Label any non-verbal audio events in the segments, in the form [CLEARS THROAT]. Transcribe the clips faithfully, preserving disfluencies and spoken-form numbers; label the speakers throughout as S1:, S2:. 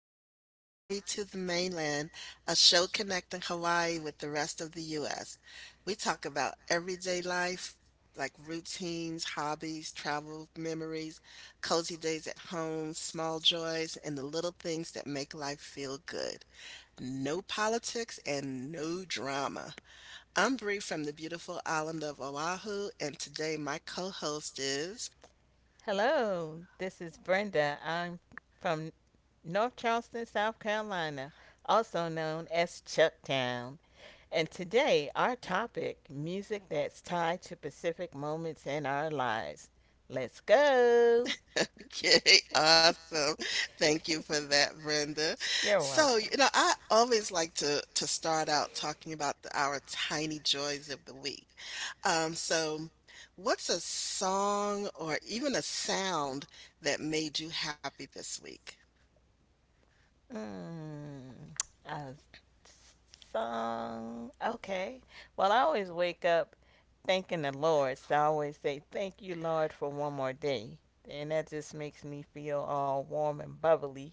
S1: to Hawaii to the Mainland, a show connecting Hawaii with the rest of the U S. We talk about everyday life, like routines, hobbies, travel memories, cozy days at home, small joys, and the little things that make life feel good. No politics and no drama. I'm Bree from the beautiful island of Oahu, and today my co-host is
S2: Hello, this is Brenda. I'm from North Charleston, South Carolina, also known as Chucktown. And today, our topic music that's tied to specific moments in our lives. Let's go! [LAUGHS]
S1: okay, [LAUGHS] awesome. Thank you for that, Brenda.
S2: You're
S1: So, you
S2: welcome.
S1: know, I always like to to start out talking about the, our tiny joys of the week. Um, so what's a song or even a sound that made you happy this week?
S2: Mm, a song. Okay. Well, I always wake up thanking the Lord. So I always say, thank you, Lord, for one more day. And that just makes me feel all warm and bubbly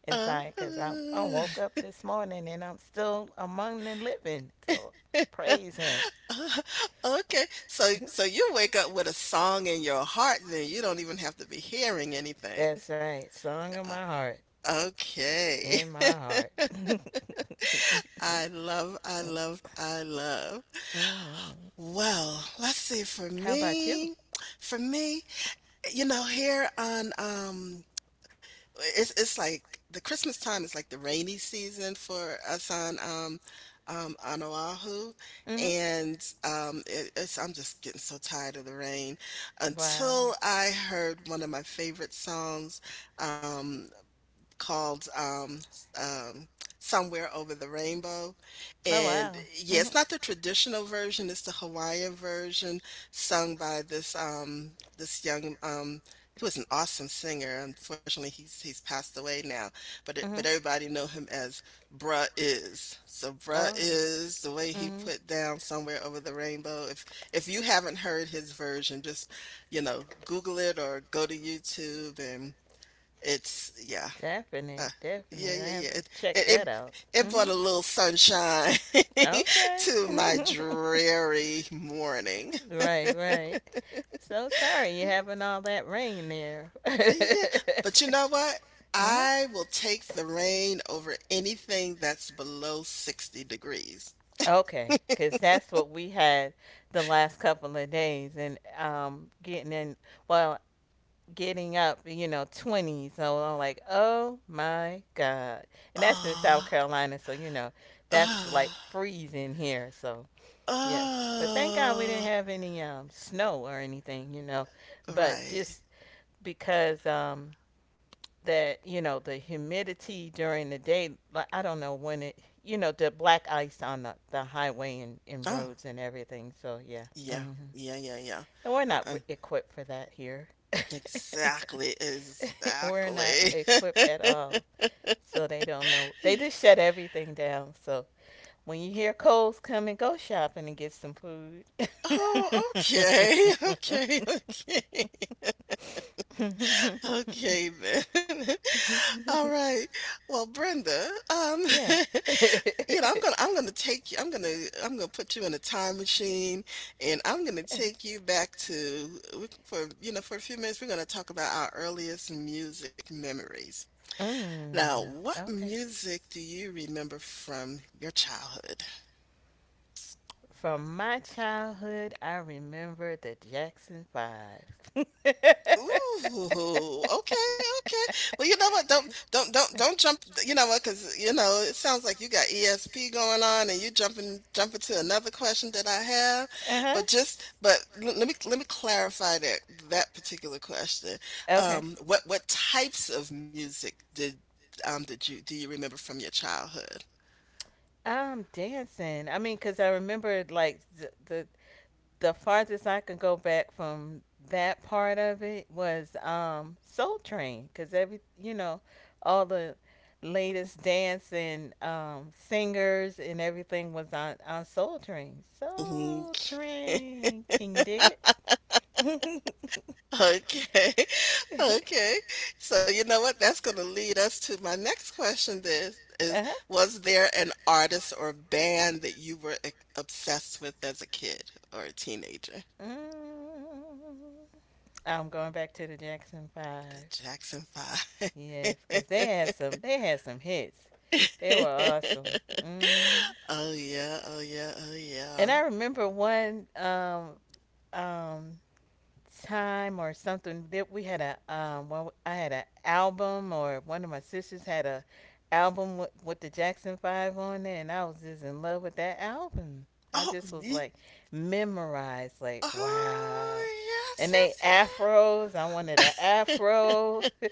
S1: Uh,
S2: because I, I
S1: uh,
S2: woke up this morning and I'm still among the living. So
S1: [LAUGHS] uh,
S2: praise Him.
S1: okay. So so you
S2: [LAUGHS]
S1: wake up with a song in your heart, then you don't even have to be hearing anything.
S2: That's right. Song in
S1: Uh,
S2: my heart
S1: okay.
S2: in my
S1: [LAUGHS]
S2: heart. [LAUGHS]
S1: I love, I love, I love.
S2: hmm
S1: Well, let's see. For
S2: How about you?
S1: me, for me, you know, here on um, it's it's like the Christmas time is like the rainy season for us on um, um on Oahu,
S2: Hmm
S1: and um, it, it's I'm just getting so tired of the rain.
S2: Wow.
S1: Until I heard one of my favorite songs, um, called um, s- um, Somewhere Over the Rainbow.
S2: Oh,
S1: And
S2: wow.
S1: yeah,
S2: hmm
S1: it's not the traditional version, it's the Hawaiian version sung by this um, this young um, he was an awesome singer. Unfortunately, he's he's passed away now, but it, but
S2: hmm
S1: everybody know him as Bruh Is. So Bruh
S2: Oh.
S1: Is the way he
S2: hmm
S1: put down Somewhere Over the Rainbow. If if you haven't heard his version, just you know, Google it or go to YouTube and it's yeah uh,
S2: Definite,
S1: yeah,
S2: definite.
S1: yeah,
S2: I
S1: yeah.
S2: have to
S1: It it
S2: check
S1: it,
S2: that out.
S1: it
S2: Hmm
S1: brought a little sunshine [LAUGHS]
S2: Okay.
S1: to my
S2: [LAUGHS]
S1: dreary morning.
S2: Right, right. So sorry you're having all that rain there. [LAUGHS]
S1: Yeah, but you know what?
S2: Huh?
S1: I will take the rain over anything that's below sixty degrees.
S2: Okay, because that's what we had the last couple of days, and um, getting in, well, getting up, you know, twenty. So I'm like, oh my God. And that's in South
S1: Oh,
S2: Carolina, so you know, that's like
S1: oh,
S2: freezing here. So, yes. But thank God we didn't
S1: oh,
S2: have any um, snow or anything, you know, but just
S1: right.
S2: because um, that you know the humidity during the day like I don't know when it, you know, the black ice on the, the highway and, and
S1: Oh,
S2: roads and everything, so yeah. hmm
S1: yeah, yeah, yeah, yeah.
S2: and we're not re-
S1: Um,
S2: equipped for that here. [LAUGHS]
S1: exactly,
S2: We're not
S1: exactly.
S2: equipped at
S1: [LAUGHS]
S2: all, so they don't know, they just shut everything down. So when you hear Coles coming, go shopping and get some food.
S1: Oh, okay, okay, okay. Okay then. [LAUGHS] All
S2: [LAUGHS] [LAUGHS]
S1: right. Well, Brenda, um,
S2: Yeah. [LAUGHS]
S1: [LAUGHS] you know, I'm gonna I'm gonna take you I'm gonna I'm gonna put you in a time machine and I'm gonna take you back to we for you know, for a few minutes we're gonna talk about our earliest music memories. Now,
S2: Mm,
S1: what
S2: okay.
S1: music do you remember from your childhood?
S2: From my childhood, I remember the Jackson Five. [LAUGHS] uh
S1: Ooh, okay, okay. Well, you know what? Don't don't don't don't jump. You know what? Because you know it sounds like you got E S P going on, and you jumping jumping to another question that I have.
S2: huh.
S1: But just but l- let me let me clarify that that particular question.
S2: Okay.
S1: Um, what what types of music did um did you do you remember from your childhood?
S2: Um, dancing. I mean, cause I remember like the, the the farthest I could go back from that part of it was um, Soul Train, because every, you know, all the latest dance and um, singers and everything was on on Soul Train. Soul Train, can you dig it? [LAUGHS]
S1: Okay. [LAUGHS] Okay. So you know what? That's gonna lead us to my next question then is
S2: Uh-huh.
S1: was there an artist or band that you were ex- obsessed with as a kid or a teenager?
S2: Mm. I'm going back to the Jackson Five.
S1: The Jackson Five. [LAUGHS]
S2: Yes, because they had some they had some hits. They were awesome. Hmm
S1: Oh yeah, oh yeah, oh yeah.
S2: And I remember one um, um, time or something that we had a um, well, I had an album or one of my sisters had a album with, with the Jackson Five on there, and I was just in love with that album. I
S1: Oh,
S2: just was
S1: ye-
S2: like memorized, like wow.
S1: oh yes,
S2: And they
S1: yes, yes!
S2: afros, I wanted an afro, [LAUGHS]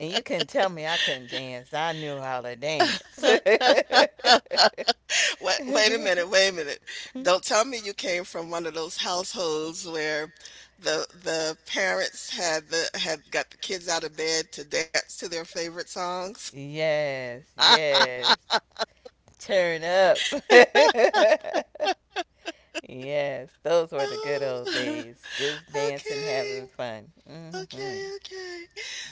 S2: and you couldn't tell me I couldn't dance. I knew how to dance.
S1: Wait, wait a minute, wait a minute.
S2: [LAUGHS] [LAUGHS]
S1: Don't tell me you came from one of those households where the the parents had the had got the kids out of bed to dance to their favorite songs.
S2: Yes, yes.
S1: [LAUGHS]
S2: Turn up. [LAUGHS] Yes, those were the good old
S1: Oh,
S2: days. Just
S1: [LAUGHS]
S2: dancing,
S1: okay,
S2: having fun. Hmm
S1: okay, okay.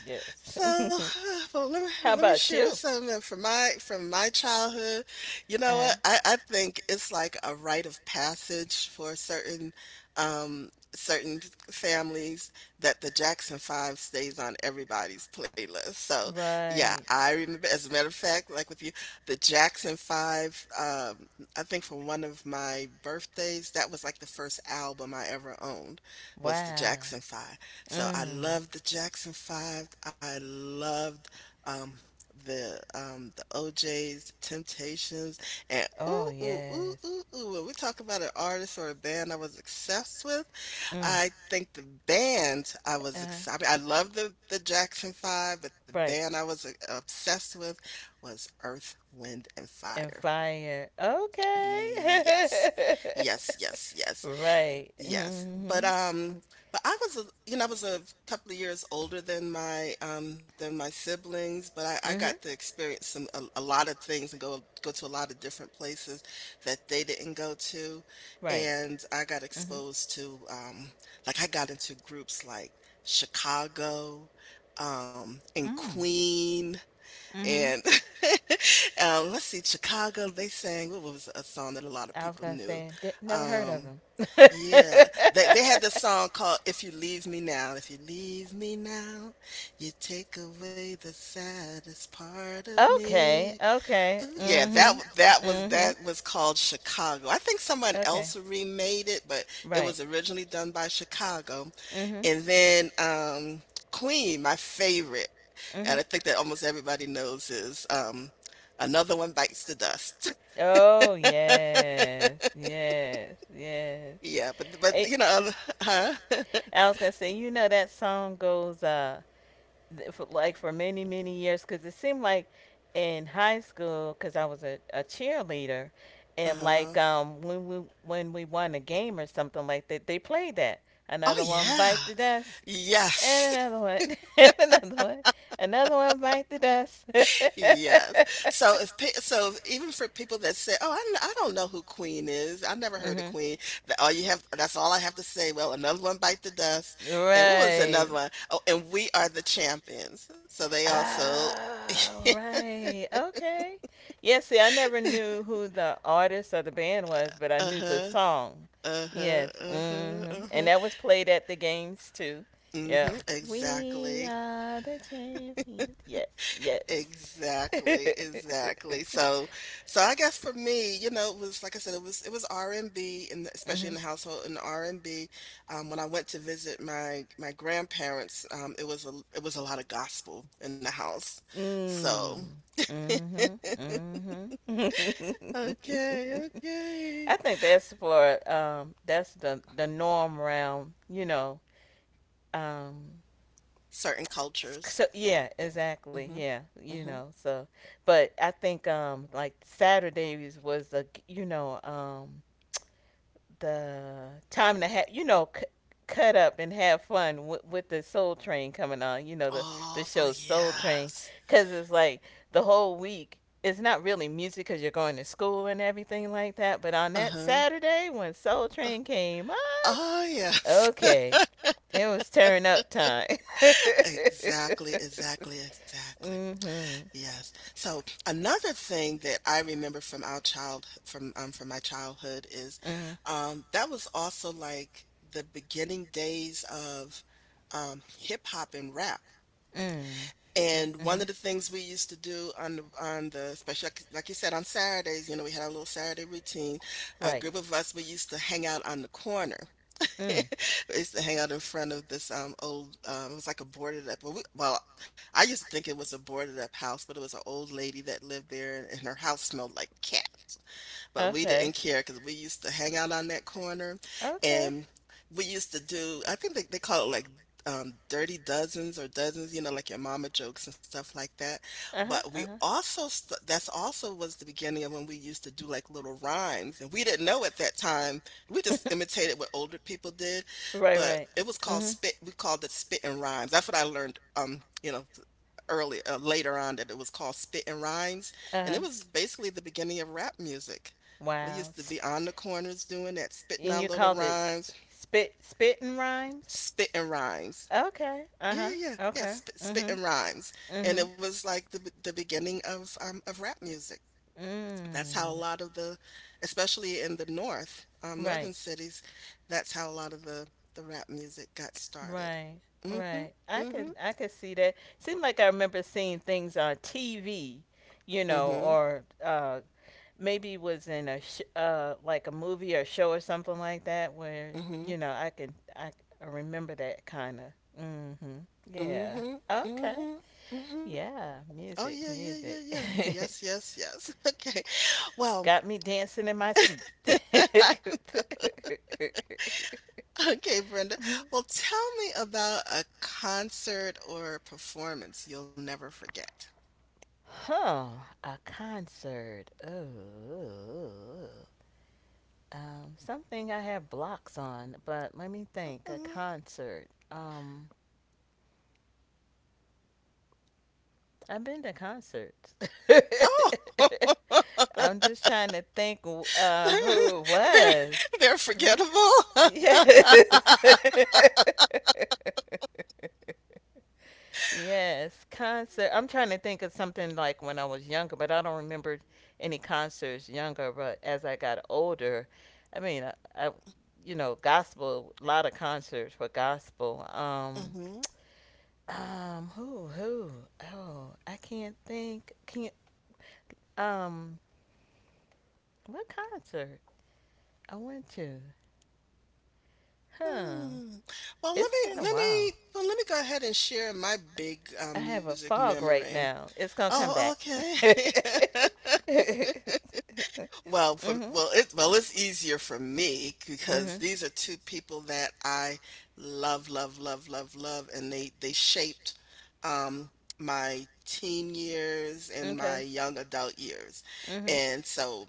S2: Yes.
S1: So,
S2: [LAUGHS]
S1: [SIGHS] well, let me
S2: How
S1: let me
S2: about
S1: share something from my from my
S2: you?
S1: childhood. You know what? I I think it's like a rite of passage for certain um certain families that the Jackson Five stays on everybody's playlist. So, yeah,
S2: Right.
S1: I remember as a matter
S2: Yeah,
S1: of fact, like with you, the Jackson Five um I think for one of my birthdays, that was like the first album I ever owned
S2: like
S1: was the
S2: wow.
S1: Jackson Five. So I
S2: Jackson. Mm.
S1: loved the Jackson Five. I loved um the um the O J's, Temptations, and
S2: Oh,
S1: ooh ooh ooh
S2: yes.
S1: ooh ooh. When we talk about an artist or a band I was obsessed with,
S2: Mm.
S1: I think the band I was
S2: Uh-huh.
S1: ex- I mean I love the the Jackson Five, but the
S2: Right.
S1: band I was uh, obsessed with was Earth, Wind, and
S2: And
S1: Fire.
S2: fire. Yes, okay. [LAUGHS]
S1: Yes. Yes, yes, yes.
S2: Right. Yes.
S1: Yes, but,
S2: Mm-hmm. But, um,
S1: um but I was a you know, I was a couple of years older than my, um than my siblings, but I I
S2: yeah.
S1: got
S2: Mm-hmm.
S1: to experience some a a lot of things and go go to a lot of different places that they didn't go to,
S2: Right.
S1: and I got
S2: And I, mm-hmm,
S1: exposed
S2: exposed to.
S1: to, um like, I got into groups like Chicago, um, and
S2: Mm.
S1: Queen,
S2: Mm-hmm.
S1: and, [LAUGHS]
S2: [LAUGHS]
S1: um, let's see, Chicago, they sang what was a song that a lot of
S2: I was
S1: people
S2: gonna
S1: knew?
S2: say, did, never heard of
S1: Um
S2: him. [LAUGHS]
S1: yeah. They they had this song called If You Leave Me Now. If you leave me now, you take away the saddest part of
S2: Okay,
S1: me.
S2: okay,
S1: Ooh, yeah, that
S2: mm-hmm,
S1: w- that was
S2: mm-hmm.
S1: that was called Chicago. I think someone
S2: Okay,
S1: else remade it, but it
S2: right,
S1: was originally done by Chicago.
S2: mm-hmm,
S1: And then um Queen, my favorite, and I
S2: mm-hmm.
S1: think that almost everybody knows is um Another One Bites the Dust.
S2: Oh
S1: [LAUGHS]
S2: yes, yes, yes.
S1: Yeah, but but you
S2: [LAUGHS]
S1: know, [LAUGHS] huh? [LAUGHS]
S2: Eh, I was gonna say, you know that song goes, uh, th- for, like, for many many years, because it seemed like in high school, because I was a, a cheerleader, and
S1: Uh-huh.
S2: like um when we when we won a game or something like that, they played that,
S1: Oh
S2: another one bite
S1: yeah.
S2: the dust, and
S1: Yes. [LAUGHS]
S2: another one, [LAUGHS] and another one, another one bite the dust. [LAUGHS]
S1: Yes. So if pe so if- even for people that say, "Oh, I, kn- I don't know who Queen is. I never heard of
S2: Mhm.
S1: Queen." That all you have that's all I have to say. Well, another one bite the dust. And what was another
S2: Right.
S1: one? Oh, and we are the champions. So they also
S2: Oh,
S1: [LAUGHS]
S2: right. Okay. Yeah, see, I never knew who the artist or the band was, but I knew the
S1: uh-huh.
S2: song.
S1: Uh-huh.
S2: Yes.
S1: Uh-huh.
S2: hmm And
S1: Uh-huh.
S2: that was played at the games too. Yeah.
S1: Mhm.
S2: We
S1: Exactly.
S2: are the champions. Yes. Yes.
S1: Exactly, exactly. So so I guess for me, you know, it was like I said, it was it was R and B and B, and
S2: [LAUGHS]
S1: especially in
S2: hmm
S1: the household in R and B. Um, when I went to visit my my grandparents, um, it was a it was a lot of gospel in the house. So,
S2: Mm. Mm-hmm. Mm-hmm.
S1: okay,
S2: [LAUGHS]
S1: okay.
S2: I think that's for um that's the the norm around, you know, um
S1: Certain cultures.
S2: so yeah, exactly,
S1: Mm-hmm.
S2: yeah, you
S1: Mm-hmm.
S2: know, so but I think um like Saturdays was a, you know, um the time to have, you know, c- cut up and have fun wi- with the Soul Train coming on. You know the the
S1: Oh,
S2: show Soul Train,
S1: yes.
S2: because it's like the whole week, it's not really music because you're going to school and everything like that. But on that
S1: Uh-huh.
S2: Saturday when Soul Train came on,
S1: Oh, yes. [LAUGHS]
S2: okay, it was tearing up time. [LAUGHS]
S1: Exactly, exactly, exactly.
S2: Mhm.
S1: Yes. So another thing that I remember from our child from um from my childhood is
S2: Mhm.
S1: um that was also like the beginning days of um hip hop and rap.
S2: Mm. Mm-hmm.
S1: And one of the things we used to do on the on the especially like, like you said on Saturdays, you know, we had our little Saturday routine. A
S2: Right.
S1: group of us we used to hang out on the corner [LAUGHS] I
S2: Mm.
S1: used to hang out in front of this um old um it was like a boarded up well, we, well I used to think it was a boarded up house but it was an old lady that lived there and, and her house smelled like cat but we didn't
S2: Okay.
S1: care because we used to hang out on that corner
S2: Okay.
S1: and we used to do, I think they, they call it like um, dirty dozens or dozens, you know, like your mama jokes and stuff like that.
S2: Uh huh.
S1: But we
S2: Uh huh.
S1: also, st- that's also was the beginning of when we used to do like little rhymes. And we didn't know at that time, we just
S2: [LAUGHS]
S1: imitated what older people did,
S2: Right.
S1: but
S2: Right.
S1: it was
S2: but
S1: called
S2: hmm
S1: spit, we called it spit and rhymes. That's what I learned, um, you know, early uh, later on that it was called spit and rhymes
S2: Uh
S1: and it
S2: huh.
S1: was basically the beginning of rap music we
S2: Wow.
S1: used to be
S2: Sp-
S1: on the corners doing that, spitting
S2: and
S1: out
S2: you
S1: little
S2: call this
S1: rhymes,
S2: spit spit and rhymes?
S1: spitting rhymes.
S2: Okay. Uh huh.
S1: Yeah, yeah, yeah,
S2: Okay.
S1: spit,
S2: Mhm.
S1: spitting rhymes, and
S2: Mhm.
S1: it was like the the beginning of um, of rap music. That's how a
S2: Mm.
S1: lot of the, especially in the north, um, northern
S2: Right.
S1: cities, that's how a lot of the the rap music got started.
S2: Right.
S1: Mhm,
S2: Right. I
S1: mhm,
S2: could. I could see that. Seemed like I remember seeing things on T V, you know,
S1: mhm,
S2: or uh, maybe was in a sh- uh, like a movie or show or something like that, where
S1: mhm,
S2: you know I could. I, I remember that kind of. Mhm. Yeah.
S1: mhm,
S2: Okay.
S1: mhm, mhm.
S2: Yeah,
S1: Oh yeah,
S2: music,
S1: yeah, yeah,
S2: music.
S1: yeah. Yes,
S2: [LAUGHS]
S1: yes, yes. [LAUGHS] Okay. Well,
S2: Got me dancing in my seat. [LAUGHS]
S1: [LAUGHS] okay, Brenda. Well, tell me about a concert or performance you'll never forget.
S2: Huh. A concert. Oh. Um, something I have blocks on, but let me think. A
S1: Mhm.
S2: concert. Um, I've been to concerts.
S1: Oh,
S2: [LAUGHS] I'm
S1: [LAUGHS]
S2: just trying to think uh,
S1: they're,
S2: who it
S1: they're,
S2: was.
S1: they're
S2: What?
S1: forgettable.
S2: Yes.
S1: [LAUGHS]
S2: [LAUGHS] Yes, concert. I'm trying to think of something like when I was younger, but I don't remember any concerts younger. But as I got older, I mean, I, I you know, gospel, a lot of concerts for gospel. Um,
S1: hmm.
S2: um, who, who? Oh, I can't think. Can't. Um, what concert I went to? Huh.
S1: Hmm. Well, let
S2: It's been
S1: me
S2: a
S1: let
S2: while.
S1: me well let me go ahead and share my big
S2: I
S1: um,
S2: have a
S1: music
S2: fog right
S1: memory.
S2: now. It's gonna come
S1: Oh,
S2: back.
S1: okay.
S2: [LAUGHS]
S1: [LAUGHS] Well, from
S2: Mhm.
S1: well, it well, it's easier for me because
S2: Mhm.
S1: these are two
S2: These
S1: people that I love, love, love, love, love, and they they shaped um my teen years and my
S2: okay.
S1: young adult years.
S2: My young. Mhm.
S1: And so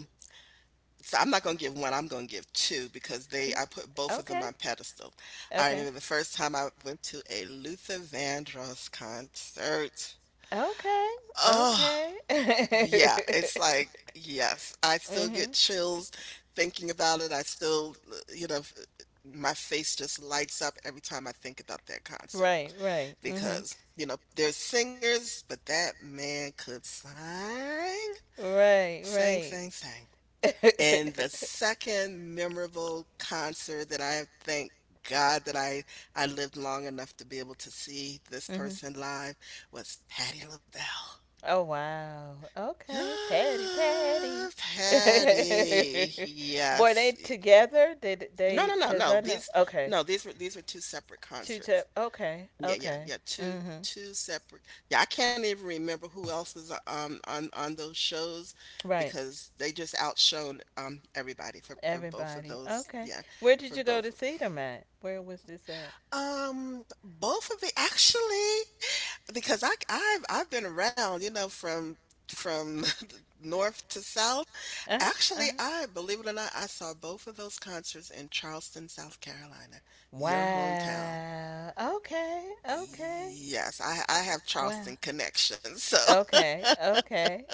S1: so I'm not gonna give one,
S2: So
S1: I'm gonna give two because
S2: two.
S1: they I put both of them on pedestal. I
S2: Okay.
S1: remember the first time I went to a Luther Vandross concert.
S2: Okay.
S1: Oh,
S2: Okay. Okay. [LAUGHS] Yeah,
S1: yeah,
S2: it's like
S1: it's
S2: yes,
S1: like, yes, I still get
S2: mhm.
S1: chills thinking about it. I still, uh, you know, f- uh, my face just lights up every time I think about that concert
S2: Right. Right. Mhm. Because
S1: because, you know, there's singers, but that man could sing,
S2: right.
S1: sang,
S2: Right.
S1: sang, sang.
S2: [LAUGHS] In the
S1: And the
S2: mhm.
S1: second memorable concert that I thank God that I I lived long enough to be able to see this person live was Patti LaBelle.
S2: Oh wow. Okay. Patty, Patty.
S1: [GASPS] Patty.
S2: [LAUGHS] Were
S1: Yes.
S2: they
S1: E
S2: together? Did
S1: no, no,
S2: they
S1: no,
S2: cuz
S1: no.
S2: I know
S1: These
S2: okay.
S1: no, these were these were two separate
S2: Two
S1: concerts.
S2: to okay.
S1: Yeah, yeah,
S2: Okay.
S1: yeah, 2
S2: Mhm.
S1: 2 separate yeah, I can't even remember who else was, uh, um, on on those shows
S2: Right.
S1: because they just outshone, um, everybody for for both of
S2: Everybody.
S1: those.
S2: Okay.
S1: Yeah,
S2: Where did
S1: for
S2: you go to
S1: both of—
S2: see them at? Where was this at?
S1: Um, both of the, actually. Because I I've I've been around, you know, from from [LAUGHS] north to south.
S2: Uh-huh.
S1: Actually,
S2: Uh-huh.
S1: I, believe it or not, I saw both of those concerts in Charleston, South Carolina, your hometown.
S2: Wow. Okay. Okay.
S1: Yes, I I have
S2: Wow.
S1: Charleston connections. So,
S2: Okay. Okay.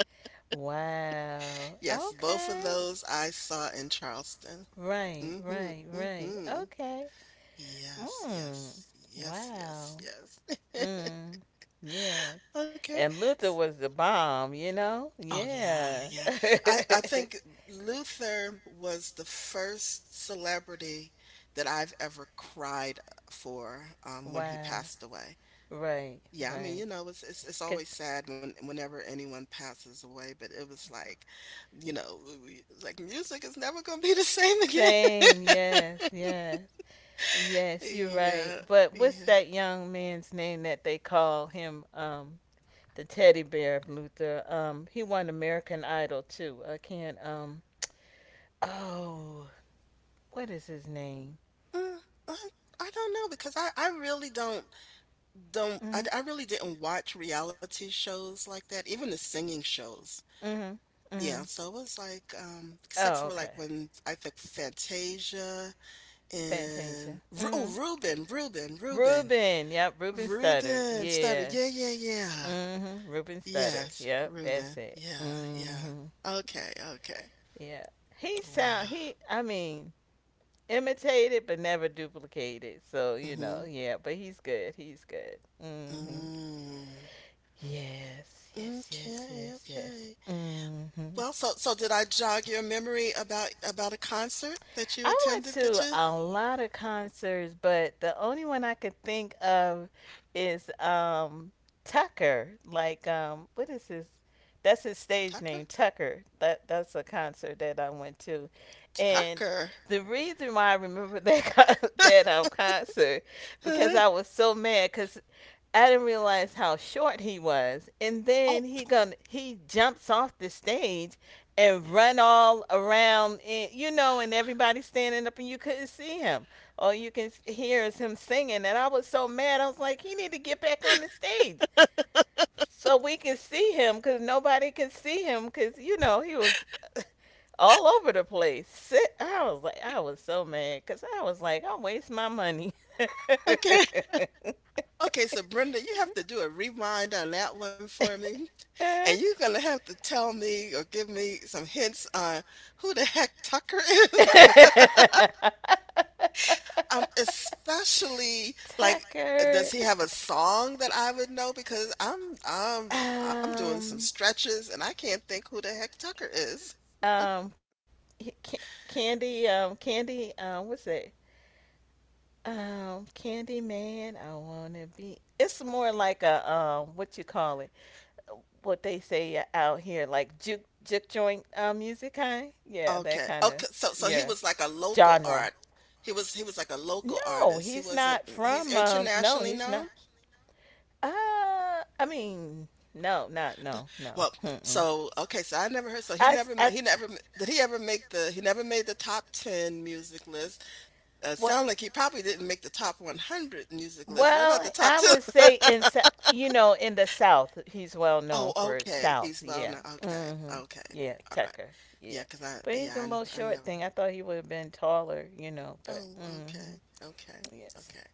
S2: Wow.
S1: [LAUGHS] yes, both of
S2: Okay.
S1: those I saw in Charleston.
S2: Right,
S1: Mm-hmm.
S2: right, right.
S1: Mm-hmm.
S2: Okay.
S1: Yes,
S2: Mm.
S1: yes. Yes, yes,
S2: Wow.
S1: yes.
S2: Mm. Yeah.
S1: [LAUGHS] Okay.
S2: And Luther was the bomb, you know?
S1: Oh yeah,
S2: Yeah.
S1: yeah. I I think
S2: [LAUGHS]
S1: Luther was the first celebrity that I've ever cried for um, when he
S2: Wow.
S1: passed away.
S2: Right,
S1: Yeah, I mean,
S2: right.
S1: you know, it's it's it's
S2: 'Cause
S1: always sad when whenever anyone passes away, but it was like, you know, we- it's like music is never gonna be the same again.
S2: same,
S1: [LAUGHS]
S2: yes, yes. Yes, you're right.
S1: Yeah,
S2: But what's
S1: yeah.
S2: that young man's name that they call him um the teddy bear of Luther. Um, he won American Idol too. I can't. Um, oh, what is his name?
S1: Uh, I, I don't know because I, I really don't don't I,
S2: Hmm
S1: I really didn't watch reality shows like that, even the singing shows.
S2: hmm hmm
S1: Yeah, so it was like, um, except
S2: Oh,
S1: for like
S2: okay.
S1: when, I think, Fantasia and
S2: Fantasia.
S1: Ru- oh,
S2: Hmm
S1: Ruben, Ruben, Ruben,
S2: Ruben. Yep. Ruben Studdard.
S1: Ruben started.
S2: Yeah.
S1: Yeah, yeah, yeah.
S2: hmm Ruben Studdard.
S1: Yes,
S2: Yep.
S1: Ruben.
S2: That's it.
S1: Yeah, yeah.
S2: Hmm
S1: Okay, okay.
S2: Yeah. He sound.
S1: Wow.
S2: He. I mean. Imitated but never duplicated. So you know,
S1: Mm-hmm.
S2: yeah. But he's good. He's good. Mm-hmm.
S1: Mm.
S2: Yes, yes, yes,
S1: Okay,
S2: yes, yes.
S1: okay.
S2: Mm-hmm.
S1: Well, so so did I jog your memory about about a concert that you
S2: I went
S1: attended? That
S2: to
S1: you—
S2: a lot of concerts, but the only one I could think of is um Tucker. Like um, what is his? That's his stage
S1: Tucker?
S2: name, Tucker. That that's a concert that I went to, and
S1: Tucker.
S2: the reason why I remember that [LAUGHS] con- that um concert, because I
S1: [LAUGHS]
S2: was so mad because I didn't realize how short he was. And
S1: Oh,
S2: then he gonna he jumps off the stage and run all around, and you know, and everybody's standing up and you couldn't see him. All you can hear is him singing. And I was so mad. I was like, he need to get back on the stage so we can see him, because nobody can see him because you know he was [LAUGHS] all over the place. Sit. I was like, I was so mad, because I was like, I will waste my money.
S1: okay. Okay, so Brenda, you have to do a rewind on that one for me. [LAUGHS] And you're
S2: [LAUGHS]
S1: going
S2: [LAUGHS]
S1: to have to tell me or give me some hints on who the heck Tucker is.
S2: [LAUGHS]
S1: [LAUGHS] Um, especially like, uh,
S2: Tucker.
S1: does he have a song that I would know? Because I'm I'm I'm doing some
S2: Um,
S1: stretches and I can't think who the heck Tucker is.
S2: um, Ca- Candy, um, Candy, um, what's it? Um, Candy Man, I wanna be. It's more like a um, what you call it? What they say out here, like juke juke joint uh, music kind. Yeah, that
S1: Okay.
S2: kind of
S1: Okay, so so he
S2: yeah
S1: was like a local
S2: genre.
S1: art. He was he was like a local
S2: No,
S1: artist. He
S2: he's
S1: wasn't—
S2: not
S1: mm, he's
S2: from. Um, no,
S1: internationally
S2: he's not.
S1: known.
S2: Uh, I mean, no, not no,
S1: Well,
S2: no. Mm-mm.
S1: so okay, so I never heard. So he
S2: I, s-
S1: never— m-
S2: I,
S1: he never— m- did he ever make the— he never made the top ten music list. Uh,
S2: what?
S1: sound like he probably didn't make the top one hundred music list. What about
S2: Well,
S1: the top
S2: I would say in Sou-
S1: two? [LAUGHS]
S2: you know in the South, he's well
S1: Oh,
S2: known for
S1: okay,
S2: South.
S1: he's well known.
S2: Yeah.
S1: Okay,
S2: Mm-hmm.
S1: okay,
S2: Yeah,
S1: all right.
S2: Tucker. Yeah,
S1: Yeah, cause I—
S2: but he's a
S1: yeah,
S2: little
S1: I, I know.
S2: short thing. I thought he would have been taller, you know. But
S1: Oh,
S2: mm-hmm.
S1: okay, okay,
S2: Yes,
S1: okay.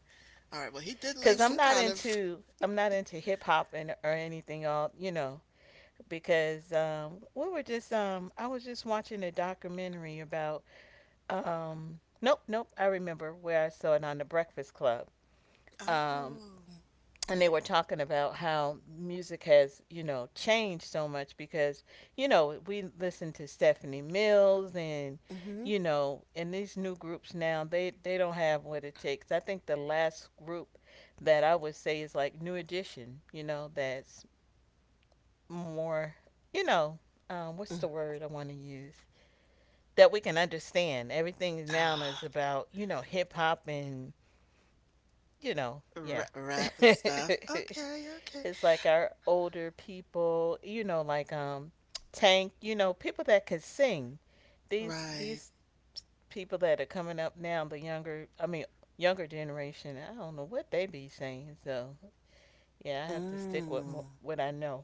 S1: All right. Well, he did
S2: because
S1: leave
S2: I'm
S1: some
S2: not
S1: kind of—
S2: into I'm not into hip hop and or anything. All you know, because um, we were just um, I was just watching a documentary about um, nope nope I remember where I saw it on the Breakfast Club, um,
S1: Oh.
S2: and they were talking about how music has, you know, changed so much because you know we listen to Stephanie Mills and
S1: Mm-hmm.
S2: you know and these new groups now, they they don't have what it takes. I think the last group that I would say is like New Edition, you know, that's more, you know, um, what's
S1: Mm.
S2: the word I want to use? That we can understand. Everything now is
S1: Ah,
S2: about, you know, hip hop and, you know, yeah.
S1: ra- rap and
S2: [LAUGHS]
S1: stuff. Okay, okay.
S2: It's like our older people, you know, like um Tank, you know, people that could sing. These
S1: Right.
S2: these people that are coming up now, the younger I mean younger generation, I don't know what they be saying. So, yeah, I have to stick with mo-
S1: Mm,
S2: what I know.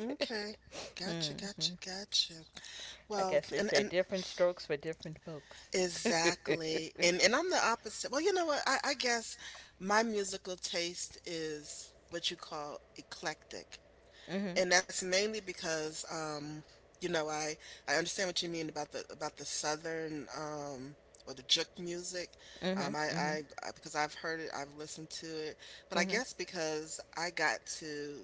S1: okay.
S2: [LAUGHS] hmm
S1: Gotcha, gotcha, gotcha.
S2: I
S1: Well,
S2: guess they
S1: and
S2: say
S1: and
S2: different strokes for different folks. [LAUGHS] mhm,
S1: exactly. And and I'm the opposite. Well, you know what? I, I guess my musical taste is what you call eclectic.
S2: mhm,
S1: And that's mainly because um, you know, I I understand what you mean about the about the southern um or the juke music. Um I,
S2: mhm,
S1: I I because I've heard it, I've listened to it, but I
S2: mhm, mhm,
S1: guess because I got to—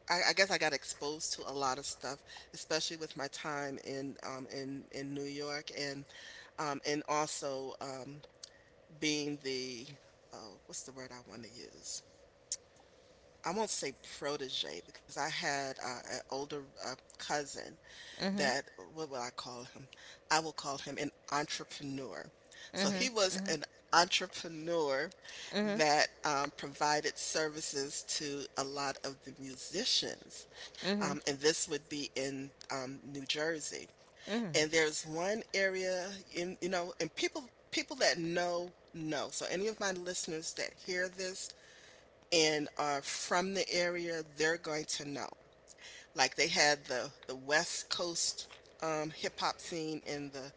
S1: I, I guess I got exposed to a lot of stuff, especially with my time in um in in New York and um and also um being the— oh, what's the word I want to use? I won't say protege because I had uh, an older uh, cousin
S2: mhm,
S1: that— uh, what would I call him? I will call him an entrepreneur. So he was an entrepreneur
S2: mhm, mhm,
S1: that um, provided services to a lot of the musicians. Um,
S2: mhm,
S1: and this would be in um, New Jersey.
S2: mhm.
S1: And there's one area in, you know, and people people that know know. So any of my listeners that hear this and are from the area, they're going to know. Like they had the the West Coast um, hip hop scene and the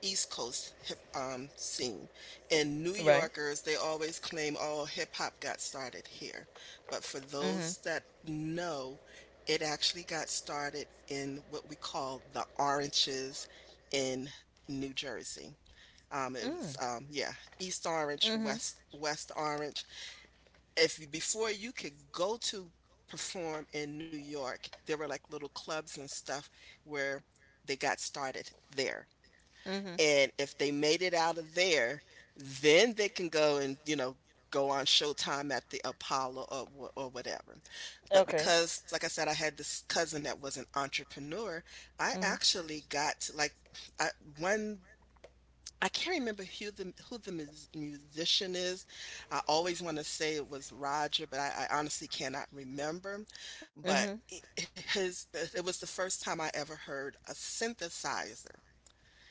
S1: East Coast hip um, scene. And New
S2: Right.
S1: Yorkers, they always claim, "Oh, hip hop got started here," but for
S2: Mhm,
S1: those that know, it actually got started in what we call the Oranges in New Jersey. Um, it
S2: mhm,
S1: was um, yeah, East Orange,
S2: mhm,
S1: West West Orange— if before you could go to perform in New York, there were like little clubs and stuff where they got started there.
S2: mhm.
S1: And if they made it out of there, then they can go and, you know, go on Showtime at the Apollo, or, or whatever. But
S2: Okay.
S1: because, like I said, I had this cousin that was an entrepreneur, I
S2: Mhm,
S1: actually got like— I, one— I can't remember who the who the mus musician is. I always wanna say it was Roger, but I I honestly cannot remember,
S2: mhm.
S1: but it— his it was the first time I ever heard a synthesizer,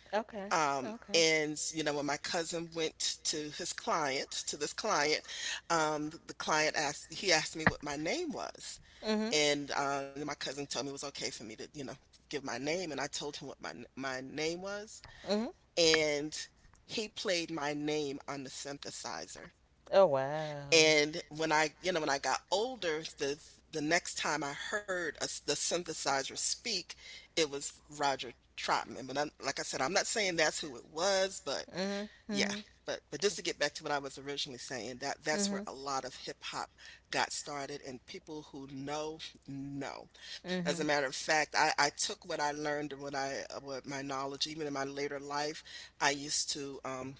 S2: Okay.
S1: um,
S2: Okay.
S1: and, you know, when my cousin went to his client— to this client, um, the the client asked— he asked me what my name was,
S2: Mhm,
S1: and, um, my cousin told me it was okay for me to, you know, give my name, and I told him what my n my name was,
S2: mhm.
S1: and he played my name on the synthesizer.
S2: Oh wow.
S1: And when I, you know, when I got older, the the next time I heard a— s the synthesizer speak, it was Roger Troutman. But I'm— like I said, I'm not saying that's who it was, but
S2: Mm-hmm.
S1: yeah.
S2: Mm-hmm.
S1: But but just to get back to what I was originally saying, that— that's where
S2: Mm-hmm.
S1: a lot of hip hop got started, and people who know know. As a
S2: Mm-hmm.
S1: matter of fact, I I took what I learned and what— I uh, what my knowledge, even in my later life, I used to um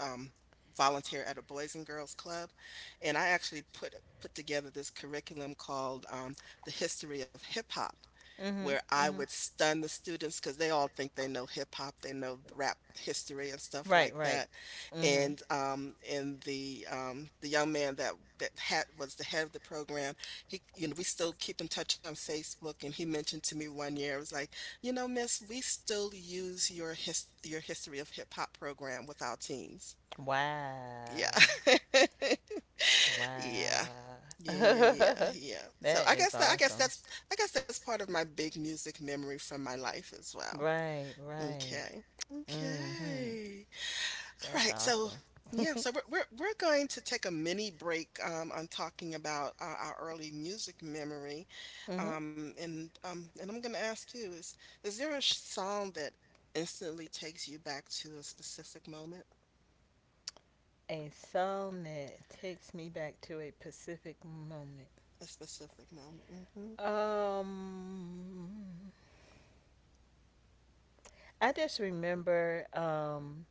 S1: um, volunteer at a Boys and Girls Club, and I actually put put together this curriculum called um, "The History of Hip Hop," where
S2: Mm-hmm.
S1: I would
S2: Mm-hmm.
S1: stun the students because they all think they know hip hop, they know rap history and stuff like
S2: Right, right.
S1: that.
S2: Mm-hmm.
S1: And um, and the um, the young man that— that had was the head of the program. He, you know, we still keep in touch on Facebook, and he mentioned to me one year, it was like, you know, miss, we still use your— his your history of hip hop program with our teens. Yeah.
S2: Wow.
S1: [LAUGHS] Yeah.
S2: Wow.
S1: Yeah, yeah, yeah,
S2: [LAUGHS]
S1: yeah. So
S2: That
S1: I
S2: is
S1: guess that— I guess
S2: awesome.
S1: that's I guess that's part of my big music memory from my life as well.
S2: Right, right.
S1: Okay.
S2: Mm-hmm.
S1: Okay. All
S2: That's okay,
S1: right, so yeah,
S2: awesome.
S1: so
S2: [LAUGHS]
S1: we're we're, we're going to take a mini break um, on talking about uh, our early music memory,
S2: uh, our hmm Um,
S1: um, and um, and I'm going to ask you, is is there a sh- song that instantly takes you back to a specific moment,
S2: A song that takes me back to a Pacific moment.
S1: a specific moment? Hmm.
S2: Um, I just remember um,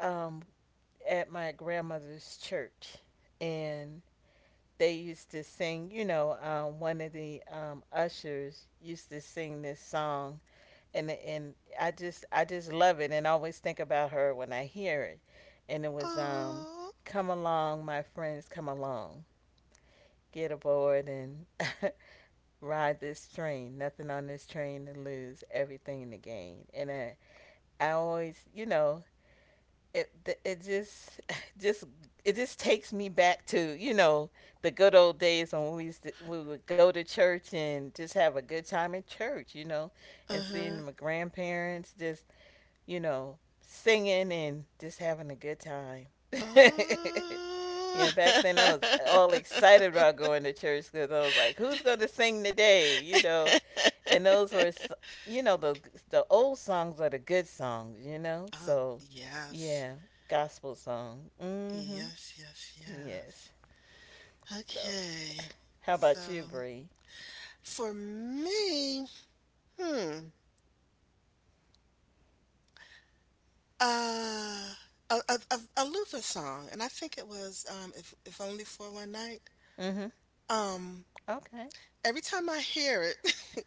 S2: um, at my grandmother's church, and they used to sing. You know, um, one of the um, ushers used to sing this song and and I just I just love it and always think about her when I hear it. And it was um
S1: Oh,
S2: come along my friends, come along. Get aboard and [LAUGHS] ride this train. Nothing on this train to lose, everything to gain. And I, I always, you know, it it just [LAUGHS] just it just takes me back to, you know, the good old days when we used to, we would go to church and just have a good time in church, you know, and
S1: uh huh.
S2: seeing my grandparents just you know, singing and just having a good time. [LAUGHS]
S1: Oh.
S2: Yeah, back then I was all excited
S1: [LAUGHS]
S2: about going to church because I was like, who's going to sing today? You know, and those were, s- you know, the the old songs are the good songs, you know.
S1: Oh,
S2: So,
S1: yes.
S2: yeah, gospel song. Mm mhm.
S1: Yes, yes,
S2: Yes.
S1: yes.
S2: So,
S1: Okay.
S2: how
S1: So
S2: about you, Bree?
S1: for me, hmm, uh, a, a, a, a Luther song, and I think it was um, "If if Only for One Night."
S2: Mm mhm.
S1: Um,
S2: Okay.
S1: every time I hear it,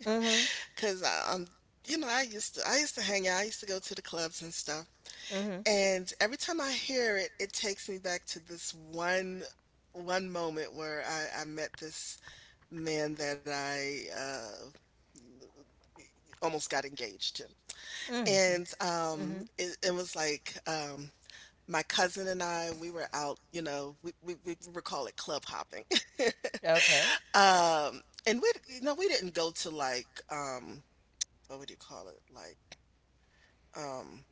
S2: Mm
S1: [LAUGHS] because um, you know, I used to I used to hang out, I used to go to the clubs and stuff,
S2: mhm. Mm
S1: and every time I hear it, it takes me back to this one one moment where I, I met this man that I— uh, almost got engaged to.
S2: mhm. Mhm.
S1: And, um,
S2: Mhm.
S1: it it was like, um, my cousin and I, we were out, you know, we we we would call it club hopping. [LAUGHS]
S2: Okay.
S1: Um, and we— you know, we didn't go to like, um, what would you call it? Like, um,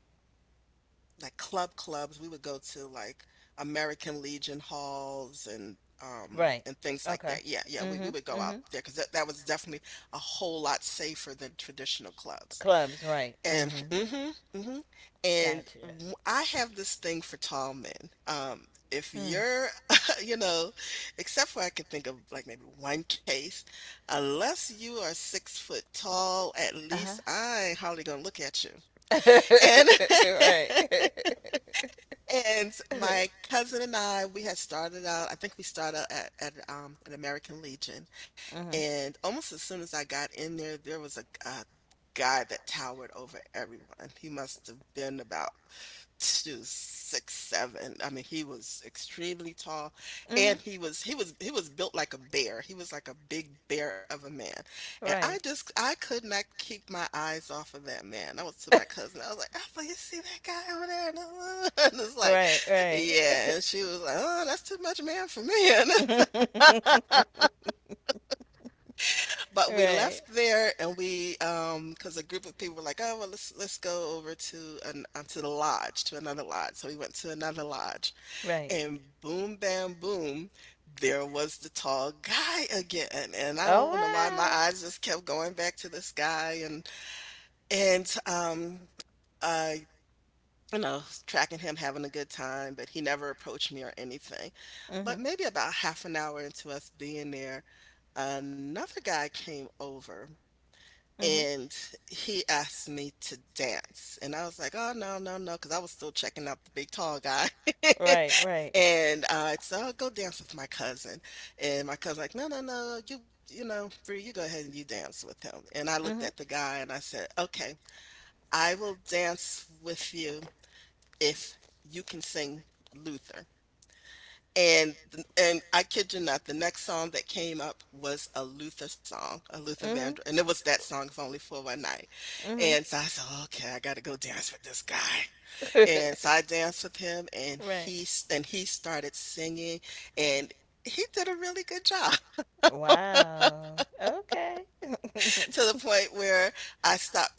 S1: like club clubs. We would go to like American Legion halls and um
S2: Right.
S1: and things like
S2: Okay.
S1: that. Yeah, yeah,
S2: Mm
S1: we we
S2: mhm.
S1: would
S2: Mm
S1: go out
S2: mhm.
S1: there because that that was definitely a whole lot safer than traditional clubs.
S2: Clubs, right.
S1: And
S2: Mm-hmm.
S1: mm mhm, mm mhm. And—
S2: Gotcha.
S1: w I have this thing for tall men. Um, if
S2: Mm.
S1: you're— [LAUGHS] you know, except for— I could think of like maybe one case, unless you are six foot tall, at least,
S2: Uh-huh.
S1: I ain't hardly gonna look at you. And
S2: [LAUGHS]
S1: [LAUGHS]
S2: right. [LAUGHS]
S1: and my cousin and I, we had started out— I think we started out at at, um, an American Legion,
S2: mm-hmm.
S1: and almost as soon as I got in there, there was a a guy that towered over everyone. He must have been about to six seven. I mean, he was extremely tall,
S2: Mm-hmm.
S1: and he was he was he was built like a bear. He was like a big bear of a man, and I
S2: Right.
S1: just— I could
S2: [LAUGHS]
S1: not keep my eyes off of that man. I was— to my cousin I was like, "Alpha, you see that guy over there?" And, uh, [LAUGHS] and it's like,
S2: Right,
S1: yeah. And she was like, "Oh, that's too much man for me."
S2: right.
S1: [LAUGHS] And—
S2: [LAUGHS] [LAUGHS]
S1: but we
S2: Right.
S1: left there, and we um because a group of people were like, "Oh, well, let's let's go over to an— uh, to the lodge— to another lodge." So we went to another lodge
S2: Right. [LAUGHS]
S1: and boom, bam, boom, there was the tall guy again. And I
S2: Oh
S1: don't know why my
S2: wow.
S1: eyes just kept going back to this guy, and and um uh you know, tracking him having a good time, but he never approached me or anything. But
S2: Mhm.
S1: maybe about half an hour into us being there, another guy came over
S2: Mhm.
S1: and he asked me to dance. And I was like, oh, no, no, no, because I was still checking out the big tall guy. [LAUGHS]
S2: Right. Right.
S1: And, uh, so I'll go dance with my cousin, and my cousin like, "No, no, no, you you know, Bree, you go ahead and you dance with him." And I looked
S2: Mhm.
S1: at the guy and I said, "Okay, I will dance with you if you can sing Luther." And th and I kid you not, the next song that came up was a Luther song, a Luther Vandross,
S2: Mhm.
S1: and it was that song, "If Only for One Night."
S2: Mhm.
S1: And so I said, "Oh, okay, I gotta go dance with this guy." And so I
S2: [LAUGHS]
S1: danced with him and
S2: right.
S1: he s- and he started singing, and he did a really good job. [LAUGHS]
S2: Wow. Okay.
S1: To the
S2: [LAUGHS]
S1: point where I stopped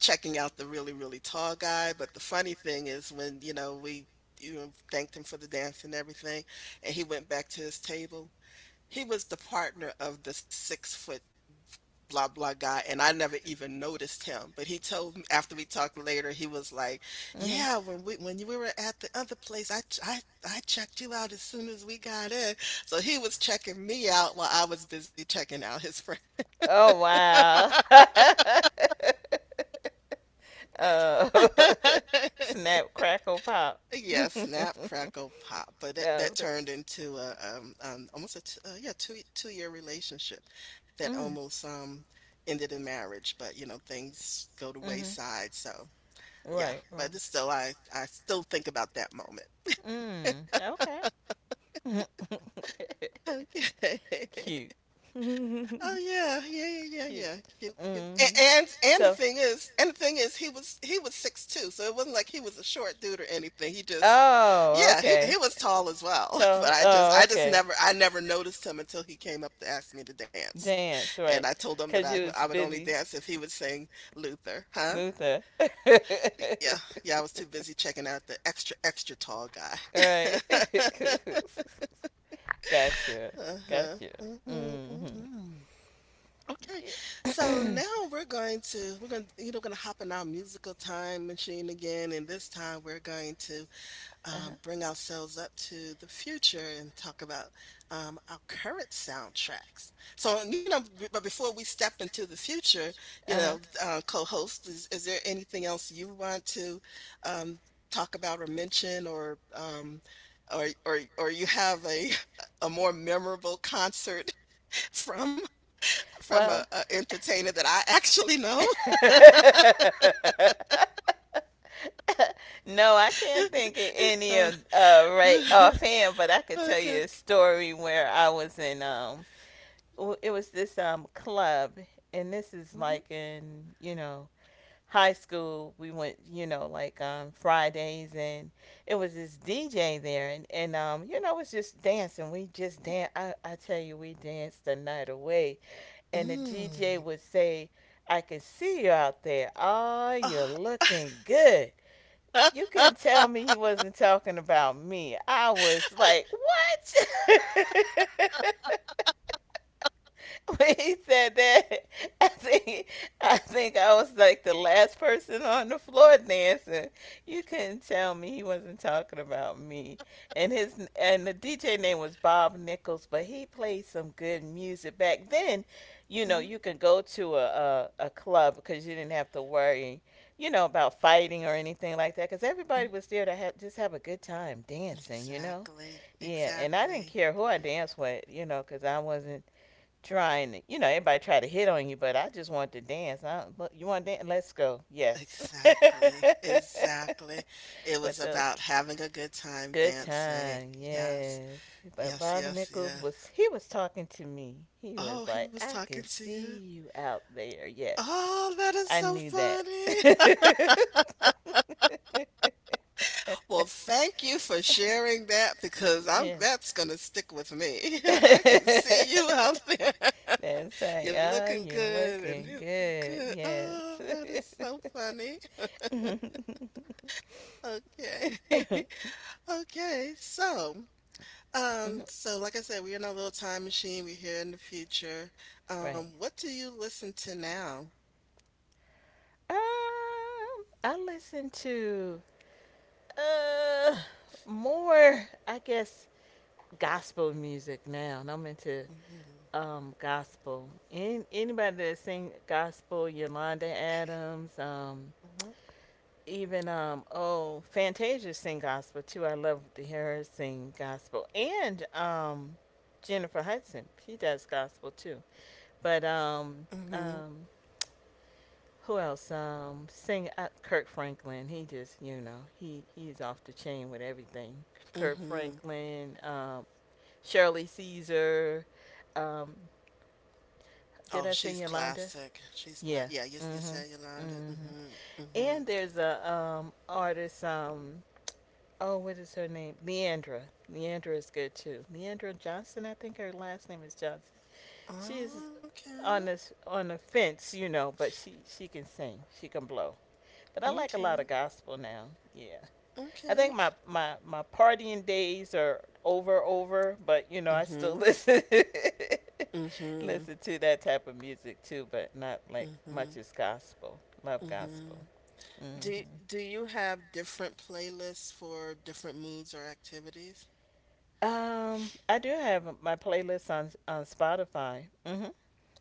S1: checking out the really, really tall guy. But the funny thing is, when, you know, we, you know, thanked him for the dance and everything, and he went back to his table. He was the partner of the six foot blah blah guy, and I never even noticed him. But he told me after, we talked later, he was like,
S2: hmm
S1: yeah, when we when you- we were at the other place, I ch- I I checked you out as soon as we got in. So he was checking me out while I was busy checking out his friend.
S2: Oh wow.
S1: [LAUGHS]
S2: [LAUGHS] oh. [LAUGHS] Snap, crackle, pop. [LAUGHS] yeah,
S1: Yeah, snap, crackle, pop. But that,
S2: it's
S1: that
S2: good.
S1: turned into a, um, um almost a t- uh, yeah, two two year relationship that
S2: Mm.
S1: almost um ended in marriage. But you know things go to
S2: Mhm.
S1: wayside. So yeah,
S2: Right, right.
S1: but it's still, I I still think about that moment.
S2: Mm. Okay.
S1: Okay.
S2: [LAUGHS]
S1: [LAUGHS]
S2: Cute. [LAUGHS] Cute.
S1: Oh yeah, yeah, yeah, yeah, yeah. Cute, cute. A-
S2: Hmm
S1: And and the
S2: So,
S1: thing is, and the thing is, he was he was six two, so it wasn't like he was a short dude or anything. He just,
S2: oh,
S1: yeah, he he
S2: okay.
S1: was tall as well. [LAUGHS] But
S2: Tell,
S1: I just
S2: oh,
S1: I just
S2: okay.
S1: never I never noticed him until he came up to ask me to dance,
S2: Dance,
S1: and I
S2: right.
S1: told him that
S2: Because
S1: I
S2: you
S1: I
S2: was
S1: would only
S2: busy,
S1: dance if he would sing Luther, huh?
S2: Luther. [LAUGHS]
S1: Yeah, yeah. I was too busy checking out the extra extra tall guy. [LAUGHS]
S2: right. [LAUGHS] gotcha.
S1: Uh-huh.
S2: Gotcha.
S1: Hmm.
S2: Mm-hmm.
S1: Hmm. Okay. So now,
S2: Uh
S1: we're going to we're going to you know going to hop in our musical time machine again. And this time we're going to
S2: huh.
S1: um, bring ourselves up to the future and talk about um, our current soundtracks. So, you know, b- but before we step into the future, you
S2: Uh
S1: know,
S2: huh. [CLEARS THROAT]
S1: uh, co-host, is, is there anything else you want to um, talk about or mention, or um, or or or you have a [LAUGHS] a more memorable concert [LAUGHS] from from a,
S2: Well,
S1: a entertainer that I actually know?
S2: [LAUGHS] no, I can't think of any
S1: Uh,
S2: of uh, right
S1: [LAUGHS]
S2: offhand, but I could tell you
S1: okay.
S2: a story where I was in um, w- it was this um club, and this is
S1: Mhm.
S2: like in you know high school we went you know like um Fridays and it was this DJ there and, and um you know it was just dancing we just dan I, I tell you we danced the night away and the
S1: Mm.
S2: DJ would say I can see you out there, oh you're
S1: Ah.
S2: looking good, you couldn't tell
S1: [LAUGHS]
S2: me he wasn't talking about me. I was like, what? [LAUGHS] When he said that, [LAUGHS] I think I think I was like the last person on the floor dancing. You couldn't tell me he wasn't talking about me. And his and the D J name was Bob Nichols, but he played some good music back then. You know,
S1: Mhm,
S2: you can go to a a, a club because you didn't have to worry, you know, about fighting or anything like that. Because
S1: mhm.
S2: everybody was there to have, just have a good time dancing. You know,
S1: Exactly,
S2: yeah. And I didn't
S1: exactly,
S2: care who I danced with, you know, because I wasn't trying, you know, everybody try to hit on you, but I just want to dance. I, look, you want to dance? Let's go. Yes.
S1: exactly,
S2: [LAUGHS]
S1: exactly. It was
S2: But those
S1: about having a good time
S2: good
S1: dancing.
S2: time,
S1: Yes,
S2: yes. But
S1: yes,
S2: Bob
S1: yes,
S2: Nichols
S1: yes.
S2: was, he was talking to me. He
S1: Oh,
S2: was
S1: he
S2: like,
S1: was
S2: I
S1: talking
S2: can
S1: to you.
S2: see you out there. Yes.
S1: Oh, that is
S2: I
S1: so
S2: knew that.
S1: funny. [LAUGHS] Well, thank you for sharing that, because
S2: [LAUGHS]
S1: I'm,
S2: yeah.
S1: that's gonna stick with me.
S2: [LAUGHS]
S1: [LAUGHS] I can see you
S2: That's
S1: out there. [LAUGHS]
S2: right.
S1: You're
S2: Oh,
S1: looking
S2: you're
S1: good and,
S2: looking
S1: [LAUGHS]
S2: good.
S1: good.
S2: Yes.
S1: Oh, that
S2: [LAUGHS]
S1: is so funny. [LAUGHS]
S2: Yeah. [LAUGHS]
S1: Okay. [LAUGHS] Okay, so, um, so like I said, we're in a little time machine. We're here in the future. Um,
S2: right.
S1: what do you listen to now?
S2: Um, I listen to uh more, I guess, gospel music now. And I'm into
S1: Mm-hmm.
S2: um gospel. Any, anybody that sing gospel, Yolanda Adams, um, even um oh Fantasia sing gospel too. I love to hear her sing gospel. And um Jennifer Hudson, she does gospel too. But um
S1: Mm-hmm.
S2: um who else? Um sing uh, Kirk Franklin. He just you know, he he's off the chain with everything. Kirk
S1: Mm-hmm.
S2: Franklin, um Shirley Caesar, um
S1: Oh,
S2: did I
S1: she's
S2: say Yolanda?
S1: classic. She's class.
S2: Yeah.
S1: Yeah, you, you said
S2: Mhm.
S1: Yolanda.
S2: Mhm.
S1: Mm-hmm. Mm-hmm.
S2: And there's a um artist um oh, what is her name? Leandra. Leandra is good too. Leandra Johnson, I think her last name is Johnson. She's
S1: Okay.
S2: on this on the fence, you know, but she she can sing, she can blow. But I like a lot of
S1: Okay.
S2: gospel now. Yeah, I think
S1: Okay.
S2: my my my partying days are over over, but you know I still
S1: Mm-hmm.
S2: listen [LAUGHS]
S1: Mm-hmm.
S2: listen to that type of music too, but not like
S1: Mm-hmm.
S2: much as gospel. Love
S1: Mm-hmm.
S2: gospel.
S1: Do
S2: Hmm
S1: do you have different playlists for different moods or activities?
S2: Um, I do have my playlist on on Spotify. Mhm.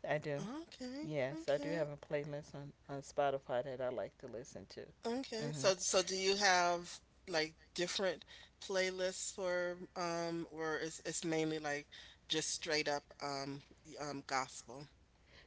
S2: I do.
S1: Okay.
S2: Yes, I do
S1: Okay.
S2: have a playlist on on Spotify that I like to listen to.
S1: Okay.
S2: Mhm.
S1: So so do you have like different playlists for um or is it's mainly like just straight up um y- um gospel?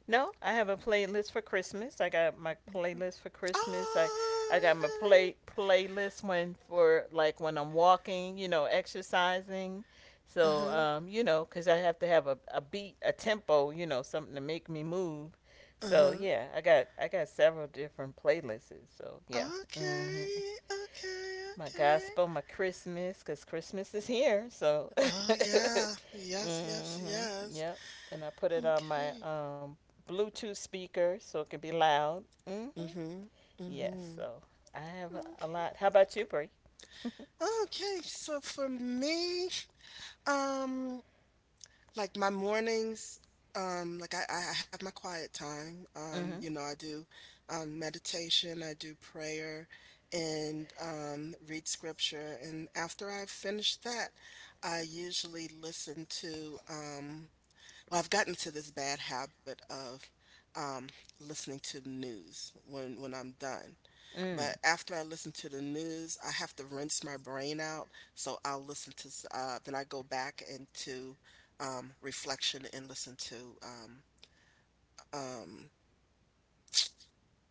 S2: No, I have a playlist for Christmas. I got my
S1: Mhm.
S2: playlist for Christmas. I,
S1: Oh,
S2: I got my
S1: yeah.
S2: play playlist when for like when I'm walking, you know, exercising. So,
S1: Uh-huh.
S2: um, you know, 'cause I have to have a, a beat, a tempo, you know, something to make me move. So
S1: Uh-huh.
S2: yeah, I got I got several different playlists. So yeah. hmm
S1: Okay. Okay.
S2: My
S1: Okay.
S2: gospel, my Christmas, because Christmas is here. So,
S1: Oh yeah.
S2: [LAUGHS]
S1: Yes, yes,
S2: hmm
S1: yes.
S2: yep. And I put it on my
S1: Okay.
S2: um, Bluetooth speaker so it can be loud. Hmm
S1: Mm-hmm.
S2: Yes.
S1: Mm-hmm.
S2: So I have a
S1: Okay.
S2: lot. How about you, Bree? [LAUGHS]
S1: Okay, so for me, um like my mornings, um, like I, I I have my quiet time. Um, you
S2: hmm
S1: know, I do um, meditation, I do prayer, and um, read scripture. And after I've finished that, I usually listen to um, well, I've gotten to this bad habit of um, listening to the news when when I'm done.
S2: Mm.
S1: But after I listen to the news, I have to rinse my brain out. So I'll, listen to s- uh, then I go back into um, reflection and listen to um, um,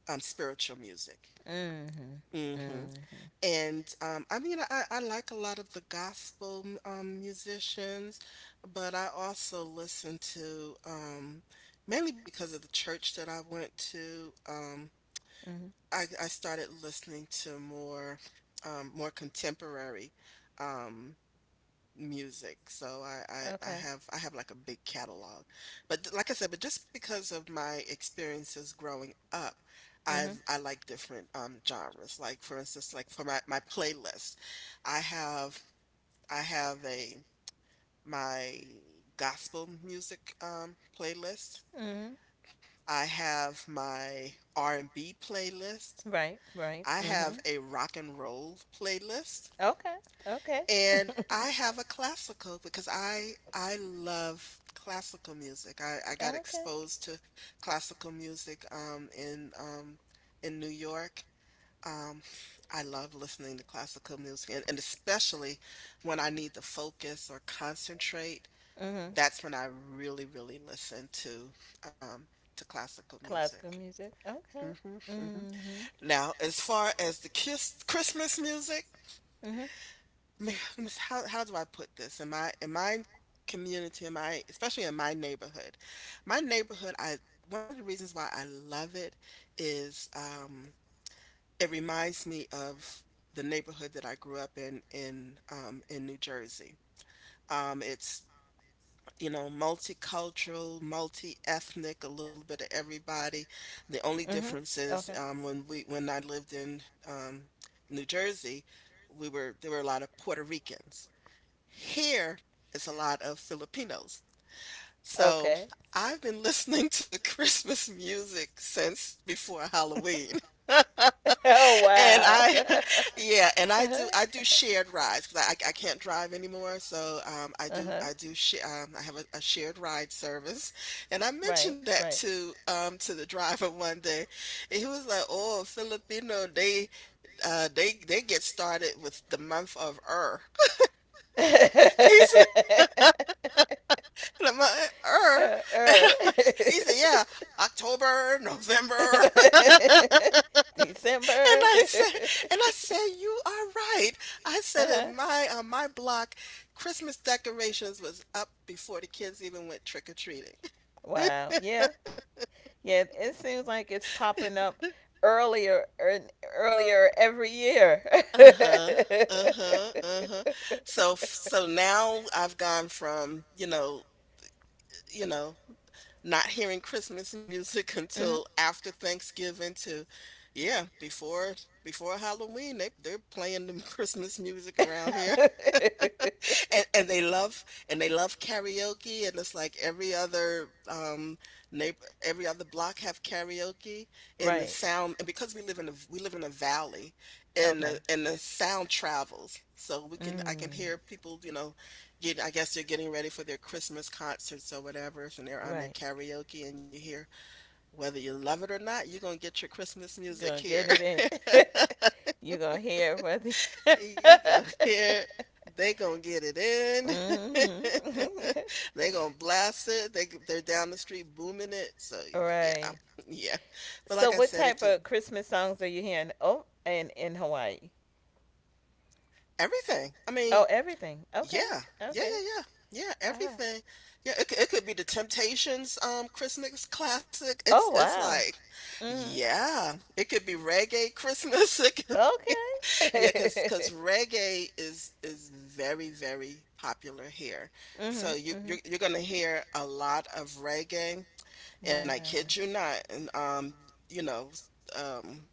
S1: um, spiritual music.
S2: hmm
S1: Hmm.
S2: hmm
S1: And um, I mean, I, I like a lot of the gospel m- um, musicians, but I also listen to, um, mainly because of the church that I went to, Um,
S2: hmm
S1: I, I started listening to more um, more contemporary um, music. So I, I I
S2: Okay.
S1: have I have like a big catalog. But th- like I said, but just because of my experiences growing up, I
S2: hmm
S1: I like different um genres. Like for instance, like for my my playlist, I have I have a my gospel music um playlist.
S2: hmm
S1: I have my R and B playlist.
S2: Right. Right.
S1: I
S2: hmm
S1: have a rock and roll playlist.
S2: Okay. Okay. [LAUGHS]
S1: And I have a classical, because I I love classical music. I, I got
S2: okay.
S1: exposed to classical music um in um in New York. Um [SIGHS] I love listening to classical music, and, and especially when I need to focus or concentrate.
S2: Mhm.
S1: That's when I really, really listen to, um to classical
S2: Classical
S1: music.
S2: music.
S1: Hmm.
S2: Okay.
S1: Hmm.
S2: Mhm.
S1: Now, as far as the kiss Christmas music,
S2: Mhm.
S1: man, how how do I put this in my, in my community, in my, especially in my neighborhood. My neighborhood, I, one of the reasons why I love it is, um it reminds me of the neighborhood that I grew up in, in um in New Jersey. Um it's, you know multicultural, multi-ethnic, a little bit of everybody. The only
S2: Mhm.
S1: difference is,
S2: Okay.
S1: um when we when I lived in um New Jersey, we were there were a lot of Puerto Ricans. Here is a lot of Filipinos. So
S2: Okay.
S1: I've been [LAUGHS] listening to Christmas music since before Halloween. [LAUGHS]
S2: [LAUGHS] oh
S1: And
S2: wow.
S1: I,
S2: [LAUGHS]
S1: [LAUGHS] yeah, and I do I do
S2: uh-huh.
S1: shared rides, because I, I I can't drive anymore. So um, I do I do sh- um, I have a, a shared ride service, and I
S2: Right,
S1: mentioned that
S2: right.
S1: to, um, to the driver [LAUGHS] one day. And he was like, "Oh, Filipino, they uh, they they get started with the month of Er." [LAUGHS] He said.
S2: [LAUGHS]
S1: And I'm like, er.
S2: Uh,
S1: [LAUGHS] And
S2: er.
S1: I'm like, he said, yeah, October, November. [LAUGHS] And
S2: [LAUGHS] December.
S1: I said,
S2: [LAUGHS]
S1: and I said, you are right. I said,
S2: uh-huh.
S1: in my on my block, Christmas decorations was up before the kids even went trick or treating.
S2: Wow. Yeah. Yeah. It seems like it's popping up earlier and earlier every year.
S1: Uh huh. Uh
S2: [LAUGHS]
S1: huh. Uh huh. So so now I've gone from, you know you know not hearing Christmas music [LAUGHS] until
S2: Mhm.
S1: after Thanksgiving, to, yeah, before before Halloween. They they're playing the [LAUGHS] Christmas music around here.
S2: [LAUGHS]
S1: [LAUGHS] and and they love and they love karaoke, and it's like every other um neighbor, every other block have karaoke in the
S2: right.
S1: sound. And because we live in a we live in a valley, and
S2: Okay.
S1: the and the sound travels, so, we can I can
S2: Mm.
S1: hear people, you know get I guess they're getting ready for their Christmas concerts or whatever, and they're on their
S2: Right.
S1: karaoke, and you hear, whether you love it or not, you're gonna get your Christmas music
S2: You're gonna
S1: here.
S2: get it in. [LAUGHS] You're gonna hear it whether.
S1: You gonna
S2: [LAUGHS]
S1: hear, [LAUGHS] they gonna get it in. [LAUGHS]
S2: mm-hmm.
S1: They gonna blast it. They they're down the street booming it. So
S2: [LAUGHS]
S1: yeah.
S2: right.
S1: [LAUGHS] Yeah. But like
S2: So,
S1: I
S2: what
S1: said, it
S2: type
S1: just
S2: of Christmas songs are you hearing? Oh, and in Hawaii.
S1: everything. I mean,
S2: Oh, everything.
S1: yeah,
S2: Okay.
S1: yeah,
S2: Okay.
S1: yeah, yeah, yeah.
S2: Ah.
S1: Everything. Yeah, it could, it could be the Temptations um Christmas classic. It's
S2: Oh,
S1: it's
S2: wow.
S1: like,
S2: Mm-hmm.
S1: yeah. It could be reggae Christmas. [LAUGHS] It could, yeah, cause
S2: Okay.
S1: cause
S2: [LAUGHS]
S1: reggae is is very, very popular here, so
S2: mhm.
S1: you you're,
S2: Mhm.
S1: you're gonna hear a lot of reggae. And I
S2: Wow.
S1: kid you not. And um you know s- um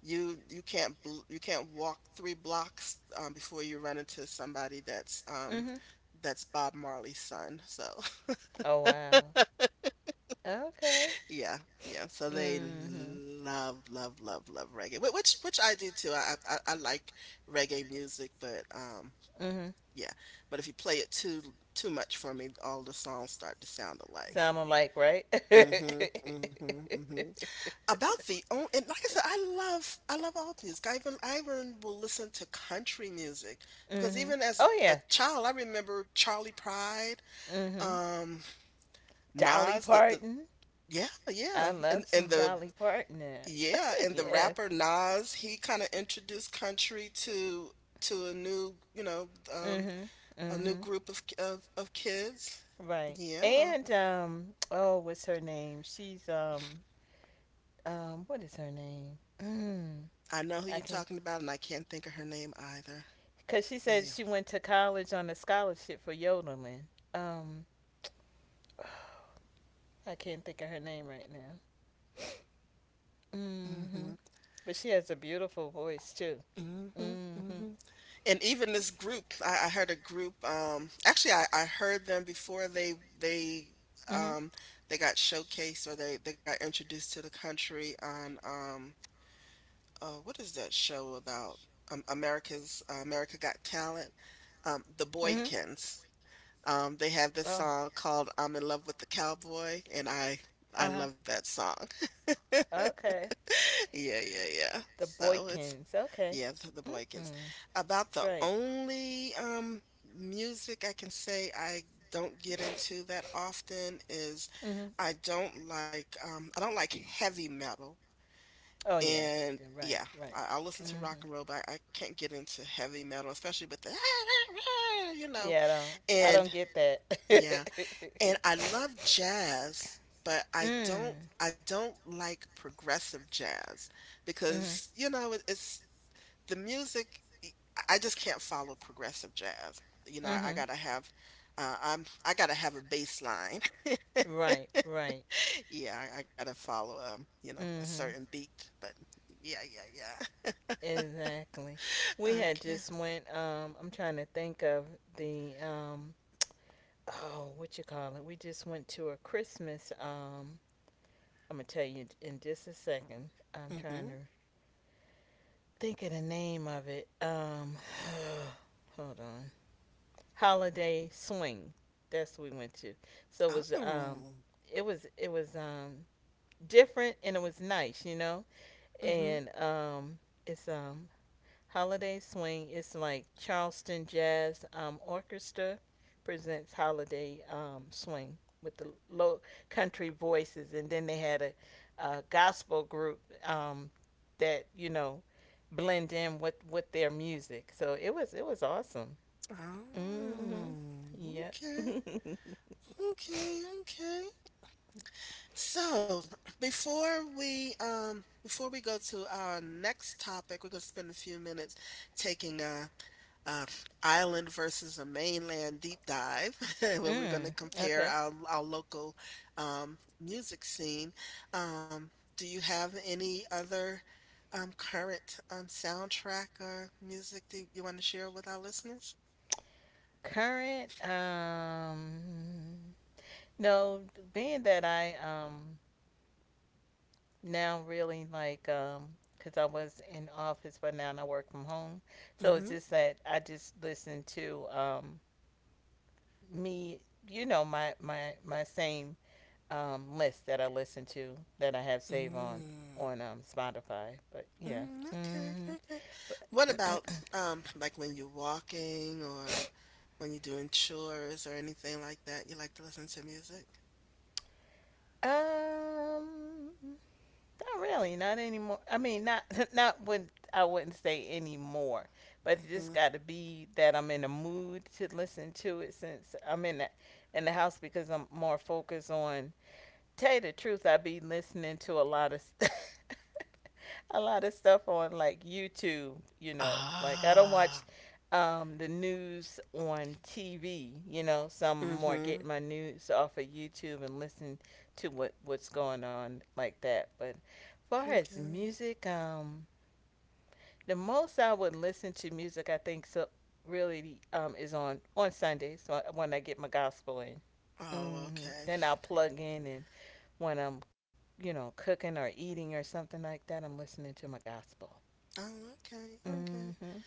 S1: you you can't bl you can't walk three blocks um, before you run into somebody that's, um
S2: Mhm.
S1: that's Bob Marley's son. So
S2: Oh wow. Okay.
S1: [LAUGHS] yeah, yeah, so they
S2: Mhm.
S1: love, love, love, love reggae, wh- which which I do too. I I, I I like reggae music, but um.
S2: Mhm.
S1: Yeah, but if you play it too too much for me, all the songs start to sound alike.
S2: Sound alike, right?
S1: Mm.
S2: [LAUGHS]
S1: Mhm, mm mhm, mm mhm. About the own, and like I said, I love I love all music. I even I even will listen to country music, because
S2: mhm.
S1: even as
S2: Oh
S1: a, a
S2: yeah.
S1: child, I remember Charlie Pride,
S2: Mhm.
S1: um,
S2: Dolly
S1: Nas, the the
S2: Parton.
S1: yeah yeah,
S2: I
S1: and
S2: love
S1: and
S2: some
S1: the
S2: Dolly Parton now.
S1: yeah and
S2: [LAUGHS]
S1: the
S2: yes.
S1: rapper Nas. He kind of introduced country to to a new, you know um
S2: Mhm.
S1: A new
S2: Mhm.
S1: group of of of kids.
S2: Right.
S1: Yeah,
S2: And um oh what's her name? She's um um what is her name? [CLEARS THROAT] Mm,
S1: I know who
S2: I
S1: you're
S2: can't,
S1: talking about, and I can't think of her name either.
S2: because she
S1: But
S2: said
S1: yeah.
S2: she went to college on a scholarship for yodeling. Um I can't think of her name right now.
S1: Mm-hmm.
S2: Mm-hmm. But she has a beautiful voice too.
S1: Mm-hmm.
S2: Mm-hmm.
S1: Mm-hmm. And even this group, I, I heard a group. Um, actually, I, I heard them before they they
S2: Mm-hmm.
S1: um they got showcased or they they got introduced to the country on um uh what is that show about um, America's uh, America Got Talent? Um, the
S2: Mm-hmm.
S1: Boykins. Um, they have
S2: Oh.
S1: this song called "I'm in Love with the Cowboy," and I
S2: Uh-huh.
S1: I love that song.
S2: Okay.
S1: [LAUGHS] Yeah, yeah, yeah.
S2: The
S1: So
S2: Boykins.
S1: it's
S2: Okay.
S1: yeah, the, the
S2: Mm-hmm.
S1: Boykins. About the
S2: Right.
S1: only um music I can say I don't get into that often is
S2: Mm-hmm.
S1: I don't like um I don't like heavy metal.
S2: Oh yeah.
S1: And
S2: Yeah, right,
S1: yeah,
S2: right.
S1: I, I'll listen to rock
S2: Mm-hmm.
S1: and roll, but I, I can't get into heavy metal, especially with the [LAUGHS] you know.
S2: Yeah, I don't. I
S1: And
S2: don't get
S1: yeah.
S2: that. [LAUGHS]
S1: And I love jazz, but I don't
S2: mm.
S1: I don't like progressive jazz
S2: Mhm.
S1: because, you know, it, it's the music I just can't follow progressive jazz. You know, I, I
S2: Mhm.
S1: gotta have uh, I'm I gotta have a bass line. [LAUGHS]
S2: Right. Right.
S1: Yeah, I, I gotta follow um, you know, a
S2: Mhm.
S1: certain beat. But yeah, yeah,
S2: Exactly.
S1: yeah.
S2: We
S1: [LAUGHS]
S2: had
S1: Okay.
S2: just went. Um, I'm trying to think of the um. Oh, what you call it? We just went to a Christmas. Um, I'm gonna tell you in just a second. I'm trying
S1: hmm
S2: to think of the name of it. Um, [SIGHS] hold on. Holiday swing. That's what we went to. So it was um
S1: Oh.
S2: it was it was um different and it was nice, you know.
S1: hmm
S2: And um it's um holiday swing. It's like Charleston Jazz um Orchestra presents holiday um swing with the low country voices, and then they had a, a gospel group um that, you know, blend in with with their music. So it was it was awesome. Mm-hmm.
S1: Oh.
S2: Yep.
S1: Okay.
S2: [LAUGHS]
S1: Okay. Okay. So, before we um before we go to our next topic, we're going to spend a few minutes taking a, a island versus a mainland deep dive, [LAUGHS] where we're going
S2: mm.
S1: to compare
S2: Okay.
S1: our our local um music scene. Um, do you have any other um current um soundtrack or music that you want to share with our listeners?
S2: Current. Um. No, being that I um now really like um because I was in office, but now I work from home, so it's
S1: Mm-hmm.
S2: just that I just listen to um me. You know my my my same um list that I listen to that I have saved on
S1: Mm.
S2: on um Spotify. But yeah.
S1: Mm, okay,
S2: Mm-hmm.
S1: okay.
S2: But
S1: What about
S2: [CLEARS THROAT]
S1: um like when you're walking or when you're doing chores or anything like that? You like to listen to music?
S2: Um, not really, not anymore. I mean, not [LAUGHS] not when I wouldn't say anymore, but it just
S1: Mm-hmm.
S2: got to be that I'm in a mood to listen to it since I'm in the in the house because I'm more focused on. Tell you the truth, I be listening to a lot of. [LAUGHS] A lot of stuff on like YouTube, you know. Like I don't watch
S1: Ah.
S2: um, the news on T V, you know. So I'm more
S1: Mm-hmm.
S2: getting my news off of YouTube and listen to what what's going on like that. But far as
S1: Okay.
S2: music, um, the most I would listen to music, I think, so really um, is on on Sundays so I- when I get my gospel in.
S1: Oh,
S2: Hmm
S1: okay.
S2: Then I'll plug in, and when I'm you know cooking or eating or something like that, I'm listening to my gospel.
S1: Oh, okay, okay.
S2: Mm-hmm.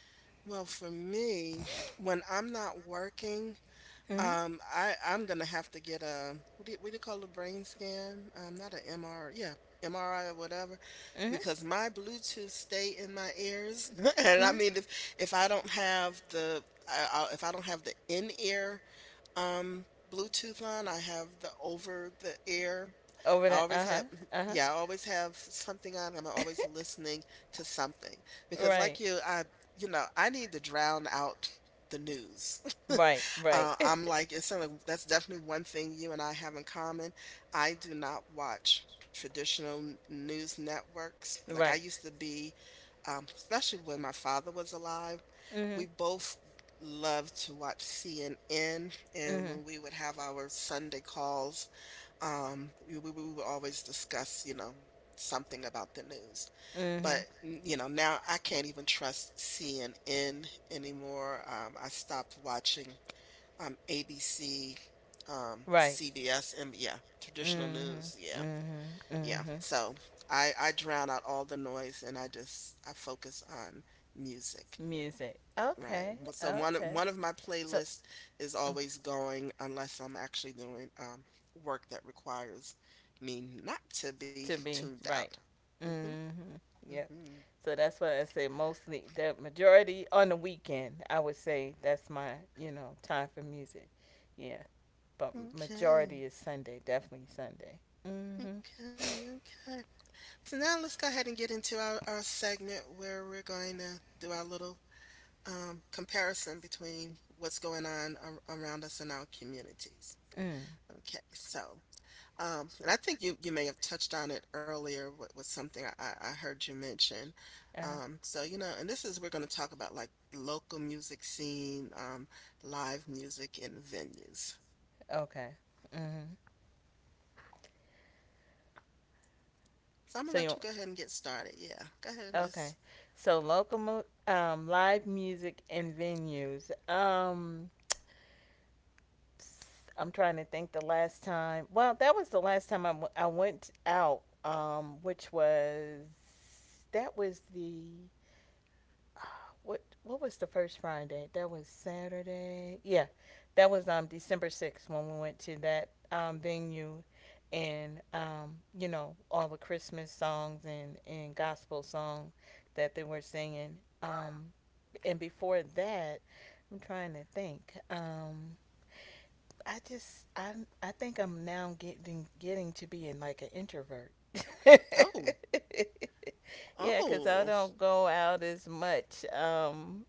S1: Well, for me, when I'm not working,
S2: Mm-hmm.
S1: Um, I I'm gonna have to get a what do you, what do you call a brain scan? Um, not an M R, yeah, M R I or whatever,
S2: Mm-hmm.
S1: because my Bluetooth stay in my ears, [LAUGHS] and I
S2: Mm-hmm.
S1: mean if if I don't have the I, I, if I don't have the in ear um Bluetooth line, I have the over the ear.
S2: Over
S1: I
S2: there.
S1: always
S2: Uh-huh.
S1: have [LAUGHS] yeah,
S2: Uh-huh.
S1: I always have something on. I'm always
S2: [LAUGHS]
S1: listening to something because like
S2: Right.
S1: you, I you know I need to drown out the news. [LAUGHS]
S2: Right. Right.
S1: Uh,
S2: [LAUGHS]
S1: I'm like, it's something that's definitely one thing you and I have in common. I do not watch traditional n- news networks. Like I
S2: Right.
S1: used to be, um, especially when my father was alive, we
S2: Mm-hmm.
S1: both loved to watch C N N. And
S2: Mm-hmm.
S1: when we would have our Sunday calls, um, we, we we would always discuss, you know, something about the news. But,
S2: Mm-hmm.
S1: n- you know, now I can't even trust C N N anymore. Um, I stopped watching. Um, A B C, um,
S2: Right.
S1: C B S, and yeah, traditional news.
S2: Mm-hmm.
S1: Yeah,
S2: Mm-hmm.
S1: yeah.
S2: Mm-hmm.
S1: So I I drown out all the noise and I just I focus on music.
S2: Music.
S1: Right.
S2: Okay.
S1: Well, so one of-
S2: Okay.
S1: one of my
S2: So
S1: playlists is
S2: uh,
S1: always going unless I'm actually doing um work that requires me not to be
S2: to me,
S1: tuned out.
S2: right.
S1: Hmm
S2: Mhm. Yep.
S1: hmm
S2: So that's why I say mostly the majority on the weekend. I would say that's my you know time for music. Yeah. But
S1: Okay.
S2: majority is Sunday. Definitely Sunday. Mm.
S1: Okay.
S2: Mhm.
S1: Okay. So now let's go ahead and get into our, our segment where we're going to do our little um, comparison between what's going on ar- around us in our communities.
S2: Mm.
S1: Okay, so um, and I think you you may have touched on it earlier with, with something I, I I heard you mention.
S2: Uh,
S1: Um, so you know, and this is we're going to talk about like local music scene, um, live music and venues.
S2: okay. Mhm.
S1: So I'm gonna
S2: So
S1: let you
S2: you
S1: go ahead and get started. Yeah, go ahead and just
S2: okay? So local mu- um live music and venues. Um. I'm trying to think the last time. Well, that was the last time I, w- I went out, um, which was that was the uh, what what was the first Friday? That was Saturday. Yeah, that was um December sixth when we went to that um venue, and um you know all the Christmas songs and and gospel song that they were singing. Um, and before that, I'm trying to think. Um, I just i I think I'm now getting getting to being like an introvert. [LAUGHS]
S1: oh
S2: Yeah, 'cause I
S1: oh,
S2: don't go out as much. Um,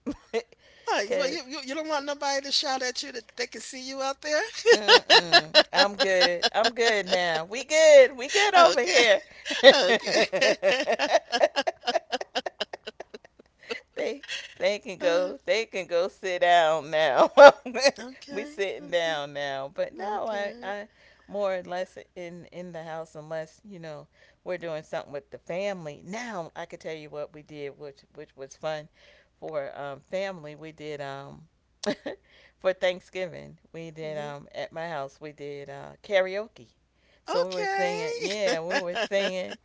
S2: [LAUGHS]
S1: Why? Well,
S2: 'cause
S1: you, you you don't want nobody to shout at you that they can see you out there.
S2: mm-mm,
S1: [LAUGHS]
S2: I'm good. I'm good now. We good. We good over
S1: Okay. [LAUGHS]
S2: here.
S1: Okay. [LAUGHS]
S2: [LAUGHS] they they can
S1: Uh,
S2: go they can go sit down now. [LAUGHS] We
S1: okay.
S2: sitting
S1: Okay.
S2: down now. But no, I,
S1: Okay.
S2: I more or less in in the house unless, you know, we're doing something with the family. Now I could tell you what we did, which which was fun for um family. We did um [LAUGHS] for Thanksgiving. We did
S1: Mhm.
S2: um at my house we did uh karaoke. So we were singing,
S1: Okay.
S2: yeah, we were
S1: [LAUGHS]
S2: singing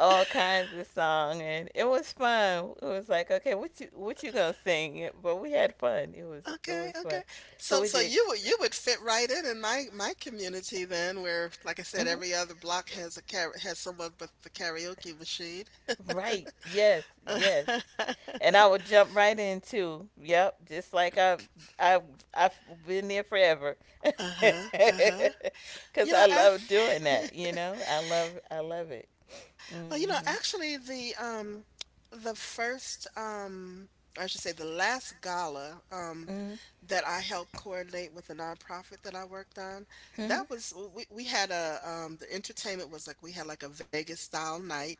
S2: all kinds of song and it was fun. It was like, okay, what you what you gonna sing? But we had fun. It was it
S1: Okay.
S2: was
S1: Okay.
S2: fun. So
S1: So,
S2: we
S1: so
S2: did.
S1: you would you would fit right in in my my community then, where like I said,
S2: Mhm.
S1: every other block has a car has someone with a karaoke machine.
S2: Right. Yes.
S1: [LAUGHS]
S2: Yes.
S1: Uh-huh.
S2: And I would jump right in too. Yep. Just like I, I, I've been there forever. [LAUGHS]
S1: Uh-huh. Uh-huh.
S2: Cause
S1: You
S2: I
S1: know, I,
S2: love doing
S1: [LAUGHS]
S2: that. You know, I love, I love it. You.
S1: well, you know,
S2: Mhm.
S1: actually, the um, the first um, I should say the last gala um
S2: Mm
S1: that I helped coordinate with a nonprofit that I worked on.
S2: hmm.
S1: That was we we had a um the entertainment was like we had like a Vegas style night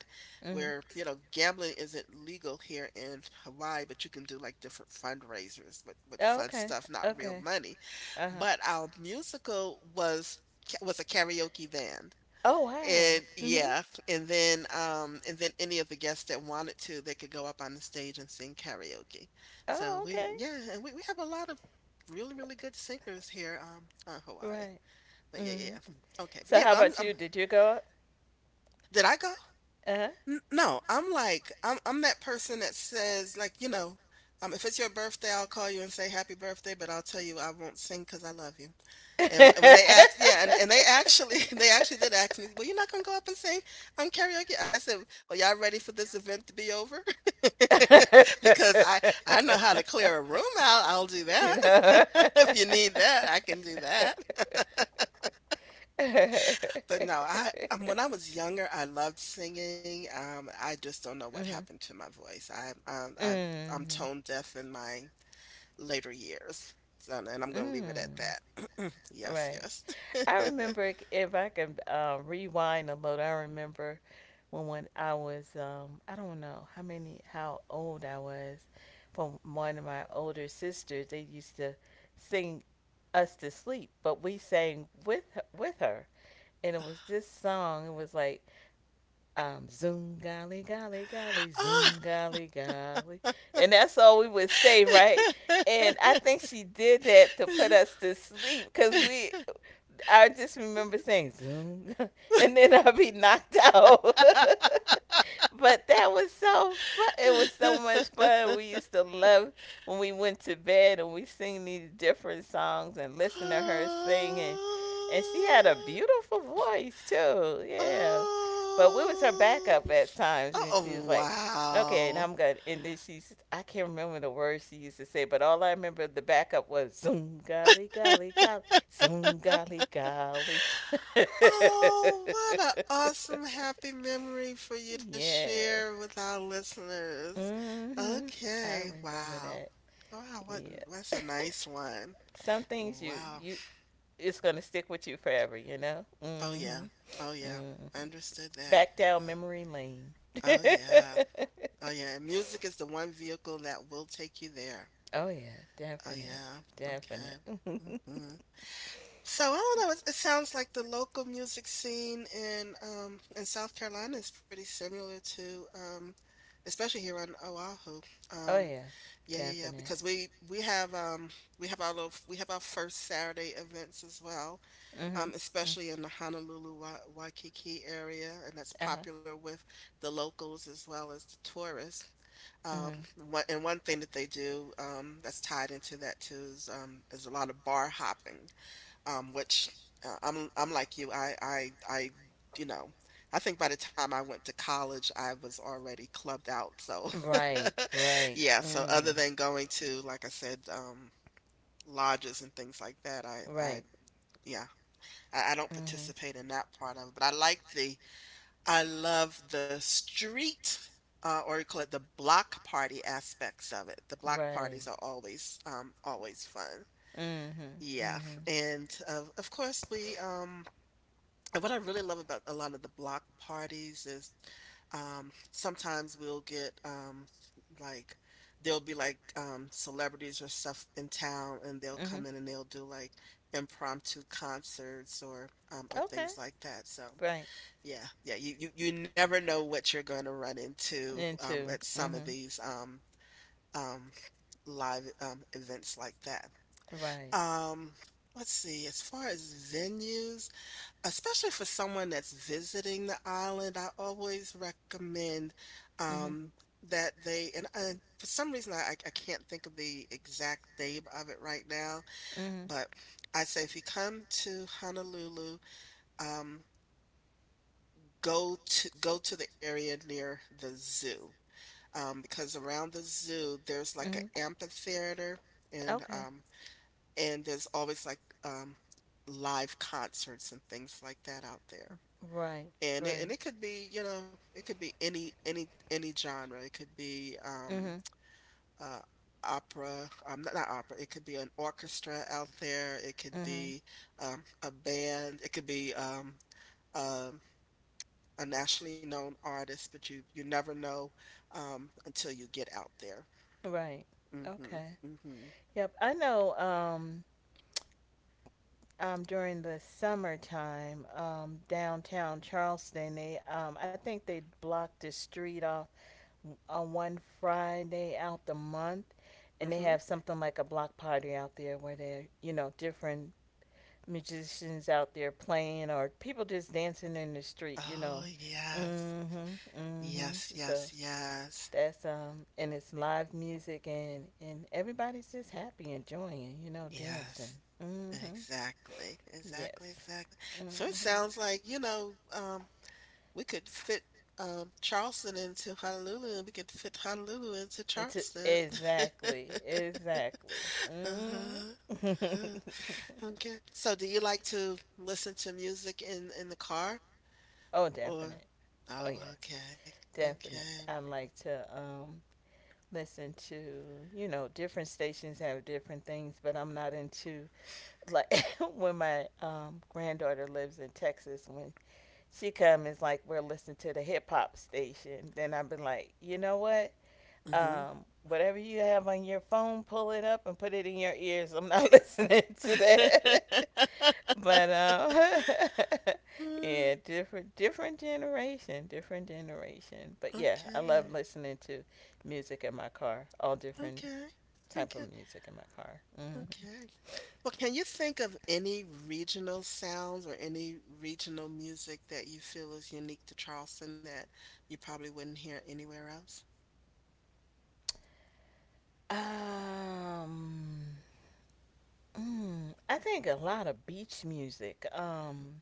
S2: Mm-hmm.
S1: where, you know, gambling isn't legal here in Hawaii, but you can do like different fundraisers with with
S2: Oh,
S1: fun
S2: okay.
S1: stuff, not real
S2: Okay.
S1: money.
S2: Uh huh.
S1: But our musical was was a karaoke band.
S2: Oh, wow.
S1: And
S2: Mm hmm.
S1: yeah, and then um and then any of the guests that wanted to, they could go up on the stage and sing karaoke.
S2: Oh,
S1: So we
S2: okay.
S1: yeah, and we, we have a lot of really, really good singers here um on Hawaii.
S2: Right.
S1: But yeah,
S2: Mm
S1: yeah,
S2: hmm.
S1: yeah. [SNIFFS] [LAUGHS] Okay. But
S2: So,
S1: yeah,
S2: how
S1: but I'm
S2: about
S1: I'm
S2: you? Did you go up?
S1: did I go?
S2: Uh
S1: N- no, I'm like I'm I'm that person that says like, you know, um if it's your birthday, I'll call you and say happy birthday, but I'll tell you I won't sing 'cause I love you. And, and when
S2: huh.
S1: they
S2: [LAUGHS]
S1: asked, yeah, and, and they actually [LAUGHS] they actually did ask me, well, you're not gonna go up and sing on karaoke. I said, well, y'all ready for this event to be over? [LAUGHS] because I I know how to clear a room out. I'll do
S2: You
S1: that.
S2: know. [LAUGHS]
S1: [LAUGHS] if you need that, I can do that. [LAUGHS] but no, I um, when I was younger, I loved singing. Um, I just don't know what
S2: Mm-hmm.
S1: happened to my voice. I um, I've I'm
S2: Mm-hmm.
S1: tone deaf in my later years. So, and I'm gonna leave it
S2: Mm.
S1: at that. Yes,
S2: Right.
S1: yes.
S2: I
S1: [LAUGHS]
S2: remember if I could uh, rewind a little. I remember when when I was um, I don't know how many, how old I was. From one of my older sisters, they used to sing us to sleep, but we sang with her, with her, and it was this song. It was like um, zoom golly golly golly,
S1: Ah.
S2: zoom golly golly, and that's all we would say, right? And I think
S1: [LAUGHS]
S2: she did that to put us to sleep because we I just remember saying zoom, [LAUGHS] and then I'd be knocked out. [LAUGHS] But that was so fun. It was so much fun. We used to love when we went to bed and we sing these different songs and listen to her sing, and and she had a
S1: Oh,
S2: beautiful voice too. Yeah, but we was her
S1: oh,
S2: backup at times, and
S1: oh,
S2: she was like, okay, and
S1: wow.
S2: I'm gonna, and then she's, I can't remember the words she used to say, but all I remember the backup was zoom, golly, golly, golly. Zoom golly golly. [LAUGHS]
S1: Oh, what an awesome, happy memory for you to
S2: Yes.
S1: share with our listeners.
S2: Hmm. I
S1: Okay,
S2: remember
S1: wow.
S2: that.
S1: Wow, what,
S2: Yeah.
S1: that's a nice one.
S2: [LAUGHS] Some things you
S1: Wow.
S2: you, it's gonna stick with you forever, you know?
S1: Oh, yeah.
S2: Hmm.
S1: Oh, yeah.
S2: Hmm.
S1: Understood that.
S2: Back down memory lane.
S1: Oh, yeah.
S2: [LAUGHS]
S1: Oh yeah, and music is the one vehicle that will take you there.
S2: Oh yeah,
S1: Oh
S2: definite.
S1: yeah.
S2: Definite. [LAUGHS]
S1: Okay. hmm So I don't know. It, it sounds like the local music scene in um in South Carolina is pretty similar to um especially here on Oahu.
S2: Oh
S1: Um
S2: yeah,
S1: yeah yeah yeah
S2: definite.
S1: because we we have um we have our little we have our first Saturday events as well
S2: Hmm.
S1: um,
S2: Mm-hmm.
S1: especially in the Honolulu, Wa- Waikiki area, and that's
S2: Uh-huh.
S1: popular with the locals as well as the tourists. Um,
S2: Hmm.
S1: one, and one thing that they do um, that's tied into that too is um, is a lot of bar hopping, um, which uh, I'm I'm like you. I I I you know, I think by the time I went to college, I was already clubbed out. So
S2: Right,
S1: [LAUGHS]
S2: right.
S1: yeah. So other
S2: Mm,
S1: than going to, like I said, um, lodges and things like that, I
S2: right. Mm-hmm.
S1: I
S2: Right.
S1: yeah I, I don't participate in that part of it, but I like the I love the street uh, or you call it the block party aspects of it. The block parties are always um always fun.
S2: Mm-hmm.
S1: Yeah,
S2: Mm-hmm.
S1: and of of course we um and what I really love about a lot of the block parties is um, sometimes we'll get um, like there'll be like um, celebrities or stuff in town, and they'll
S2: Mm-hmm.
S1: come in and they'll do like impromptu concerts or um, or
S2: Okay.
S1: things like that. So
S2: Right.
S1: yeah, yeah, you you, you never know what you're going to run into
S2: Into
S1: um, at
S2: two.
S1: some of
S2: Mm-hmm.
S1: these um, um, live um, events like that.
S2: Right.
S1: Um, let's see, as far as venues. Especially for someone that's visiting the island, I always recommend,
S2: Mm-hmm.
S1: um, that they and and for some reason, I I can't think of the exact name of it right now,
S2: Mm-hmm.
S1: but I say if you come to Honolulu, um, go to go to the area near the zoo, um, because around the zoo, there's like
S2: Mm-hmm.
S1: an amphitheater and,
S2: Okay.
S1: um and there's always, like, um, live concerts and things like that out there.
S2: Right.
S1: And it and
S2: Right.
S1: it could be, you know, it could be any any any genre. It could be um
S2: Mm-hmm.
S1: uh opera, um not, not opera, it could be an orchestra out there, it could
S2: Mm-hmm.
S1: be um a band, it could be um um a nationally known artist, but you you never know um until you get out there.
S2: Right.
S1: Mm-hmm.
S2: Okay.
S1: Mm-hmm.
S2: Yep. I know. Um. Um, during the summertime, um, downtown Charleston. They, um, I think they blocked the street off on one Friday out the month, and they
S1: Mm-hmm.
S2: have something like a block party out there where they're, you know, different musicians out there playing or people just dancing in the street, you
S1: Oh
S2: know. Mm.
S1: yes.
S2: Mhm, mm, mhm.
S1: Yes, yes,
S2: So
S1: yes.
S2: that's um, and it's live music and and everybody's just happy, enjoying, you know, dancing.
S1: Yes.
S2: Mm. Mhm.
S1: Exactly, exactly,
S2: Yes.
S1: exactly.
S2: Mm-hmm.
S1: So it sounds like, you know, um, we could fit um Charleston into Honolulu and we could fit Honolulu into
S2: It's a-
S1: Charleston.
S2: exactly,
S1: [LAUGHS]
S2: exactly.
S1: Uh-huh.
S2: Mm-hmm.
S1: uh-huh. Okay. So do you like to listen to music in in the car
S2: [LAUGHS] Oh,
S1: or
S2: definite. Oh,
S1: Oh,
S2: yes,
S1: okay.
S2: definite.
S1: Okay.
S2: I like to um listen to, you know, different stations have different things, but I'm not into, like, [LAUGHS] when my um granddaughter lives in Texas, when she come it's like we're listening to the hip hop station. Then I've been like, you know what?
S1: Mm-hmm.
S2: Um, whatever you have on your phone, pull it up and put it in your ears. I'm not [LAUGHS] listening to that. [LAUGHS] But um, [LAUGHS] yeah,
S1: [LAUGHS]
S2: different different generation, different generation. But yeah, I
S1: Okay.
S2: love listening to music in my car. All different
S1: Okay.
S2: type
S1: Okay.
S2: of music in my car. Hmm.
S1: Okay. Well, can you think of any regional sounds or any regional music that you feel is unique to Charleston that you probably wouldn't hear anywhere else?
S2: Um, mm, I think a lot of beach music. Um,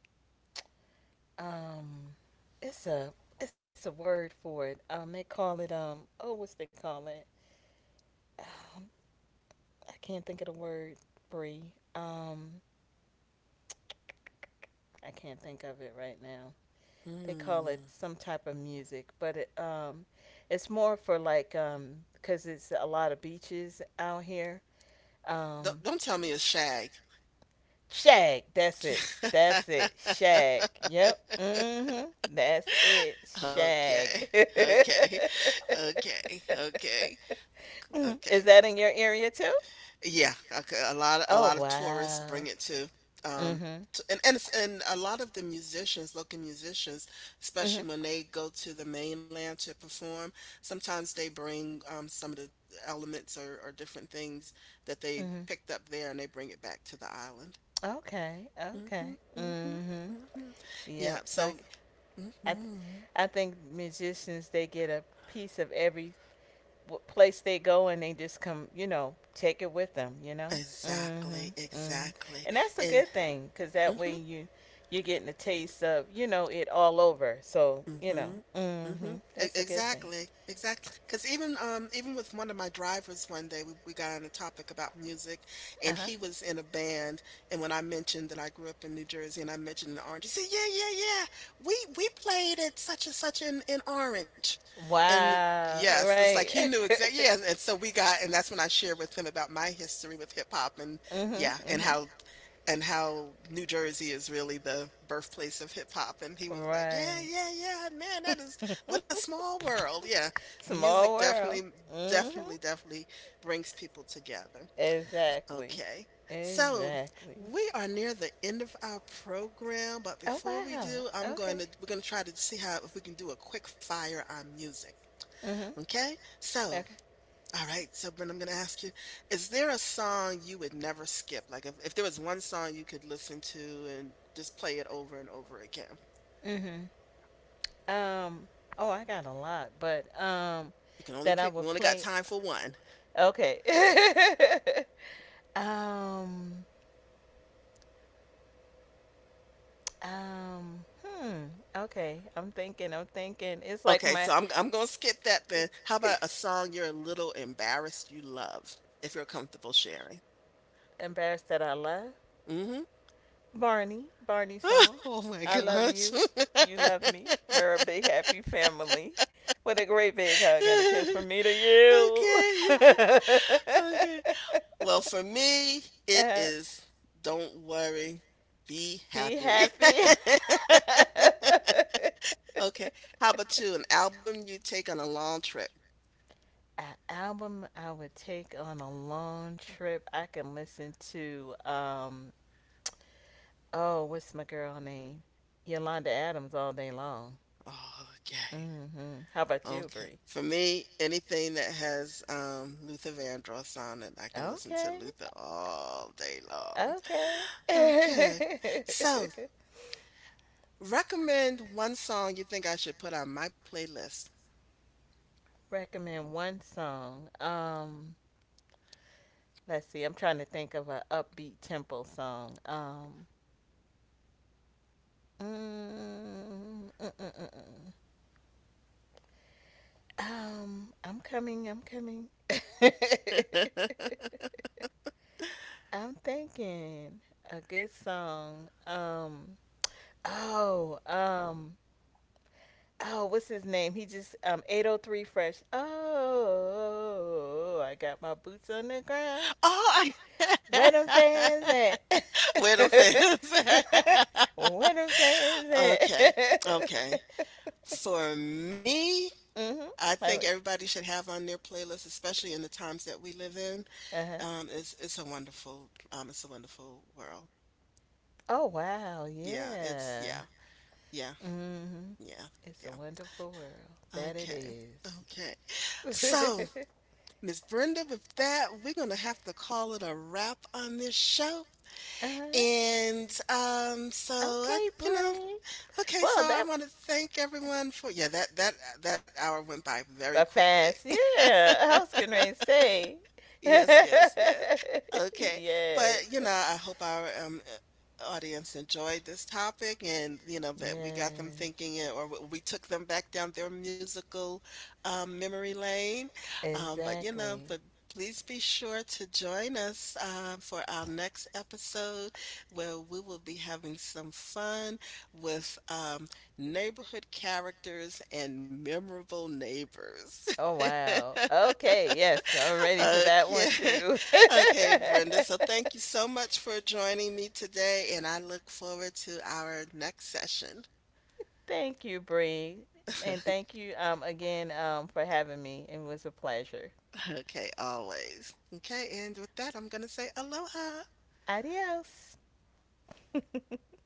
S2: um it's a it's a word for it. Um they call it um oh what's they call it? Um, I can't think of the word free. Um I can't think of it right now. They call
S1: Mm.
S2: it some type of music, but it um it's more for like um because it's a lot of beaches out here.
S1: Don't
S2: Um
S1: don't tell me it's shag.
S2: shag, that's it. That's it. Shag. Yep.
S1: [LAUGHS]
S2: Mm. Mhm. That's it.
S1: Okay.
S2: Shag.
S1: Okay. Okay.
S2: [LAUGHS]
S1: Okay.
S2: [LAUGHS] Mhm. Is
S1: Okay.
S2: that in your area too?
S1: Yeah, a c- a lot a
S2: Oh
S1: lot of tourists bring
S2: wow.
S1: it to um
S2: Mhm.
S1: t- and and it's- and a lot of the musicians, local musicians, especially
S2: Mhm.
S1: when they go to the mainland to perform, sometimes they bring um some of the elements or, or different things that they
S2: Mhm.
S1: picked up there and they bring it back to the island.
S2: Okay.
S1: Hmm
S2: Okay.
S1: hmm
S2: Mhm.
S1: hmm Yeah,
S2: Yep. So I,
S1: so
S2: I, th-
S1: hmm
S2: I think musicians, they get a piece of every w- place they go, and they just come, you know, take it with them, you know.
S1: Exactly,
S2: Mhm. Mhm.
S1: exactly.
S2: And that's a
S1: And
S2: good thing, cause that way
S1: mhm.
S2: you, you're getting a taste of, you know, it all over. So you know.
S1: Mm-hmm. Mm-hmm.
S2: Mhm.
S1: E-
S2: That's a good thing.
S1: exactly. Exactly. Because even um even with one of my drivers one day we, we got on a topic about music
S2: Uh
S1: and
S2: huh.
S1: he was in a band and when I mentioned that I grew up in New Jersey and I mentioned in Orange, he said, yeah, yeah, yeah. We we played at such and such in, in Orange. And
S2: Wow.
S1: yes, it's like he
S2: Right.
S1: knew exactly yeah, and
S2: [LAUGHS]
S1: so we got and that's when I shared with him about my history with hip hop and yeah, and
S2: Mhm.
S1: how and how New Jersey is really the birthplace of hip hop. And he
S2: Mhm.
S1: was like, yeah, yeah,
S2: Right.
S1: yeah, man, that is what a
S2: [LAUGHS]
S1: small world. Yeah, music
S2: Small
S1: definitely,
S2: world. Mhm.
S1: definitely, definitely brings people together.
S2: Exactly.
S1: Okay. So
S2: Exactly.
S1: we are near the end of our program, but
S2: Oh
S1: before we
S2: wow.
S1: do, I'm going
S2: Okay.
S1: to we're going to try to see how if we can do a quick fire on music.
S2: Mhm.
S1: Okay? So
S2: Okay.
S1: all right, so Brent, I'm going to ask you, is there a song you would never skip? Like if, if there was one song you could listen to and just play it over and over again.
S2: Mhm. Um, oh, I got a lot, but um,
S1: You can only
S2: that I
S1: pick, we
S2: would
S1: only got
S2: play.
S1: time for one.
S2: Okay. [LAUGHS] um, um, hmm. Okay, I'm thinking. I'm thinking. It's like
S1: Okay,
S2: my
S1: so I'm I'm going to skip that then. How about a song
S2: [LAUGHS]
S1: you're a little embarrassed you love, if you're comfortable sharing?
S2: embarrassed that I left.
S1: Mm-hmm.
S2: Barney, Barney
S1: [LAUGHS]
S2: song.
S1: Oh my
S2: I love
S1: gosh.
S2: you. You
S1: [LAUGHS]
S2: love me. We're a big happy family. With a great big hug and a kiss from me to you.
S1: Okay. [LAUGHS]
S2: [LAUGHS]
S1: Okay. Well, for me, it
S2: Uh,
S1: is don't worry, be
S2: be
S1: happy.
S2: happy. [LAUGHS]
S1: [LAUGHS] Okay. How about you? An album you take on a long trip.
S2: An album I would take on a long trip. I can listen to um, oh, what's my girl? Name? Yolanda Adams all day long.
S1: Oh, okay.
S2: Mm-hmm. How about you,
S1: Okay.
S2: Bree?
S1: For me, anything that has um Luther Vandross on it, I can listen to
S2: Okay,
S1: Luther all day long.
S2: okay.
S1: Okay. So,
S2: [LAUGHS]
S1: recommend one song you think I should put on my playlist.
S2: Recommend one song. Um, let's see. I'm trying to think of an upbeat tempo song. Um, mm, mm, mm, mm, mm. um, I'm coming. I'm coming. [LAUGHS]
S1: [LAUGHS]
S2: I'm thinking a good song. Um, oh, um, oh, what's his name? He just um eight oh three fresh. Oh, I got my boots on the ground.
S1: Oh, I [LAUGHS]
S2: Where them fans at? [LAUGHS]
S1: Where them fans? [LAUGHS]
S2: Where them fans
S1: okay,
S2: at?
S1: okay.
S2: [LAUGHS]
S1: For me,
S2: Mhm.
S1: I
S2: I
S1: think
S2: would.
S1: everybody should have on their playlist, especially in the times that we live in.
S2: Uh-huh.
S1: Um, it's it's a wonderful um, it's a wonderful world.
S2: Oh, wow.
S1: Yeah, it's
S2: Yeah.
S1: yeah, yeah,
S2: Mhm.
S1: yeah,
S2: It's a
S1: yeah.
S2: wonderful world. That
S1: Okay,
S2: it is.
S1: okay. So,
S2: [LAUGHS]
S1: Miss Brenda, with that, we're gonna have to call it a wrap on this show.
S2: Uh-huh.
S1: And um, so I,
S2: Okay,
S1: you know,
S2: Bree.
S1: okay, so
S2: Well,
S1: I
S2: that,
S1: want to thank everyone for yeah, that that uh, that hour went by very
S2: but
S1: quickly.
S2: fast, yeah. I was getting ready to say,
S1: Yes, yes,
S2: [LAUGHS]
S1: yes. Okay.
S2: yes,
S1: But, you know, I hope our um, uh, audience enjoyed this topic and, you know, that we got them
S2: yes,
S1: thinking uh, or w- we took them back down their musical um, memory lane. Um, but, you know,
S2: exactly.
S1: but please be sure to join us uh, for our next episode where we will be having some fun with um, neighborhood characters and memorable neighbors.
S2: Oh wow. Okay,
S1: [LAUGHS]
S2: yes, I'm ready for that one
S1: Okay. [LAUGHS]
S2: too.
S1: Okay, Brenda. So thank you
S2: [LAUGHS]
S1: so much for joining me today, and I look forward to our next session.
S2: Thank you, Bree, and thank
S1: [LAUGHS]
S2: you um again um for having me. It was a pleasure.
S1: Okay, always. Okay, and with that, I'm going to say aloha.
S2: Adios. [LAUGHS]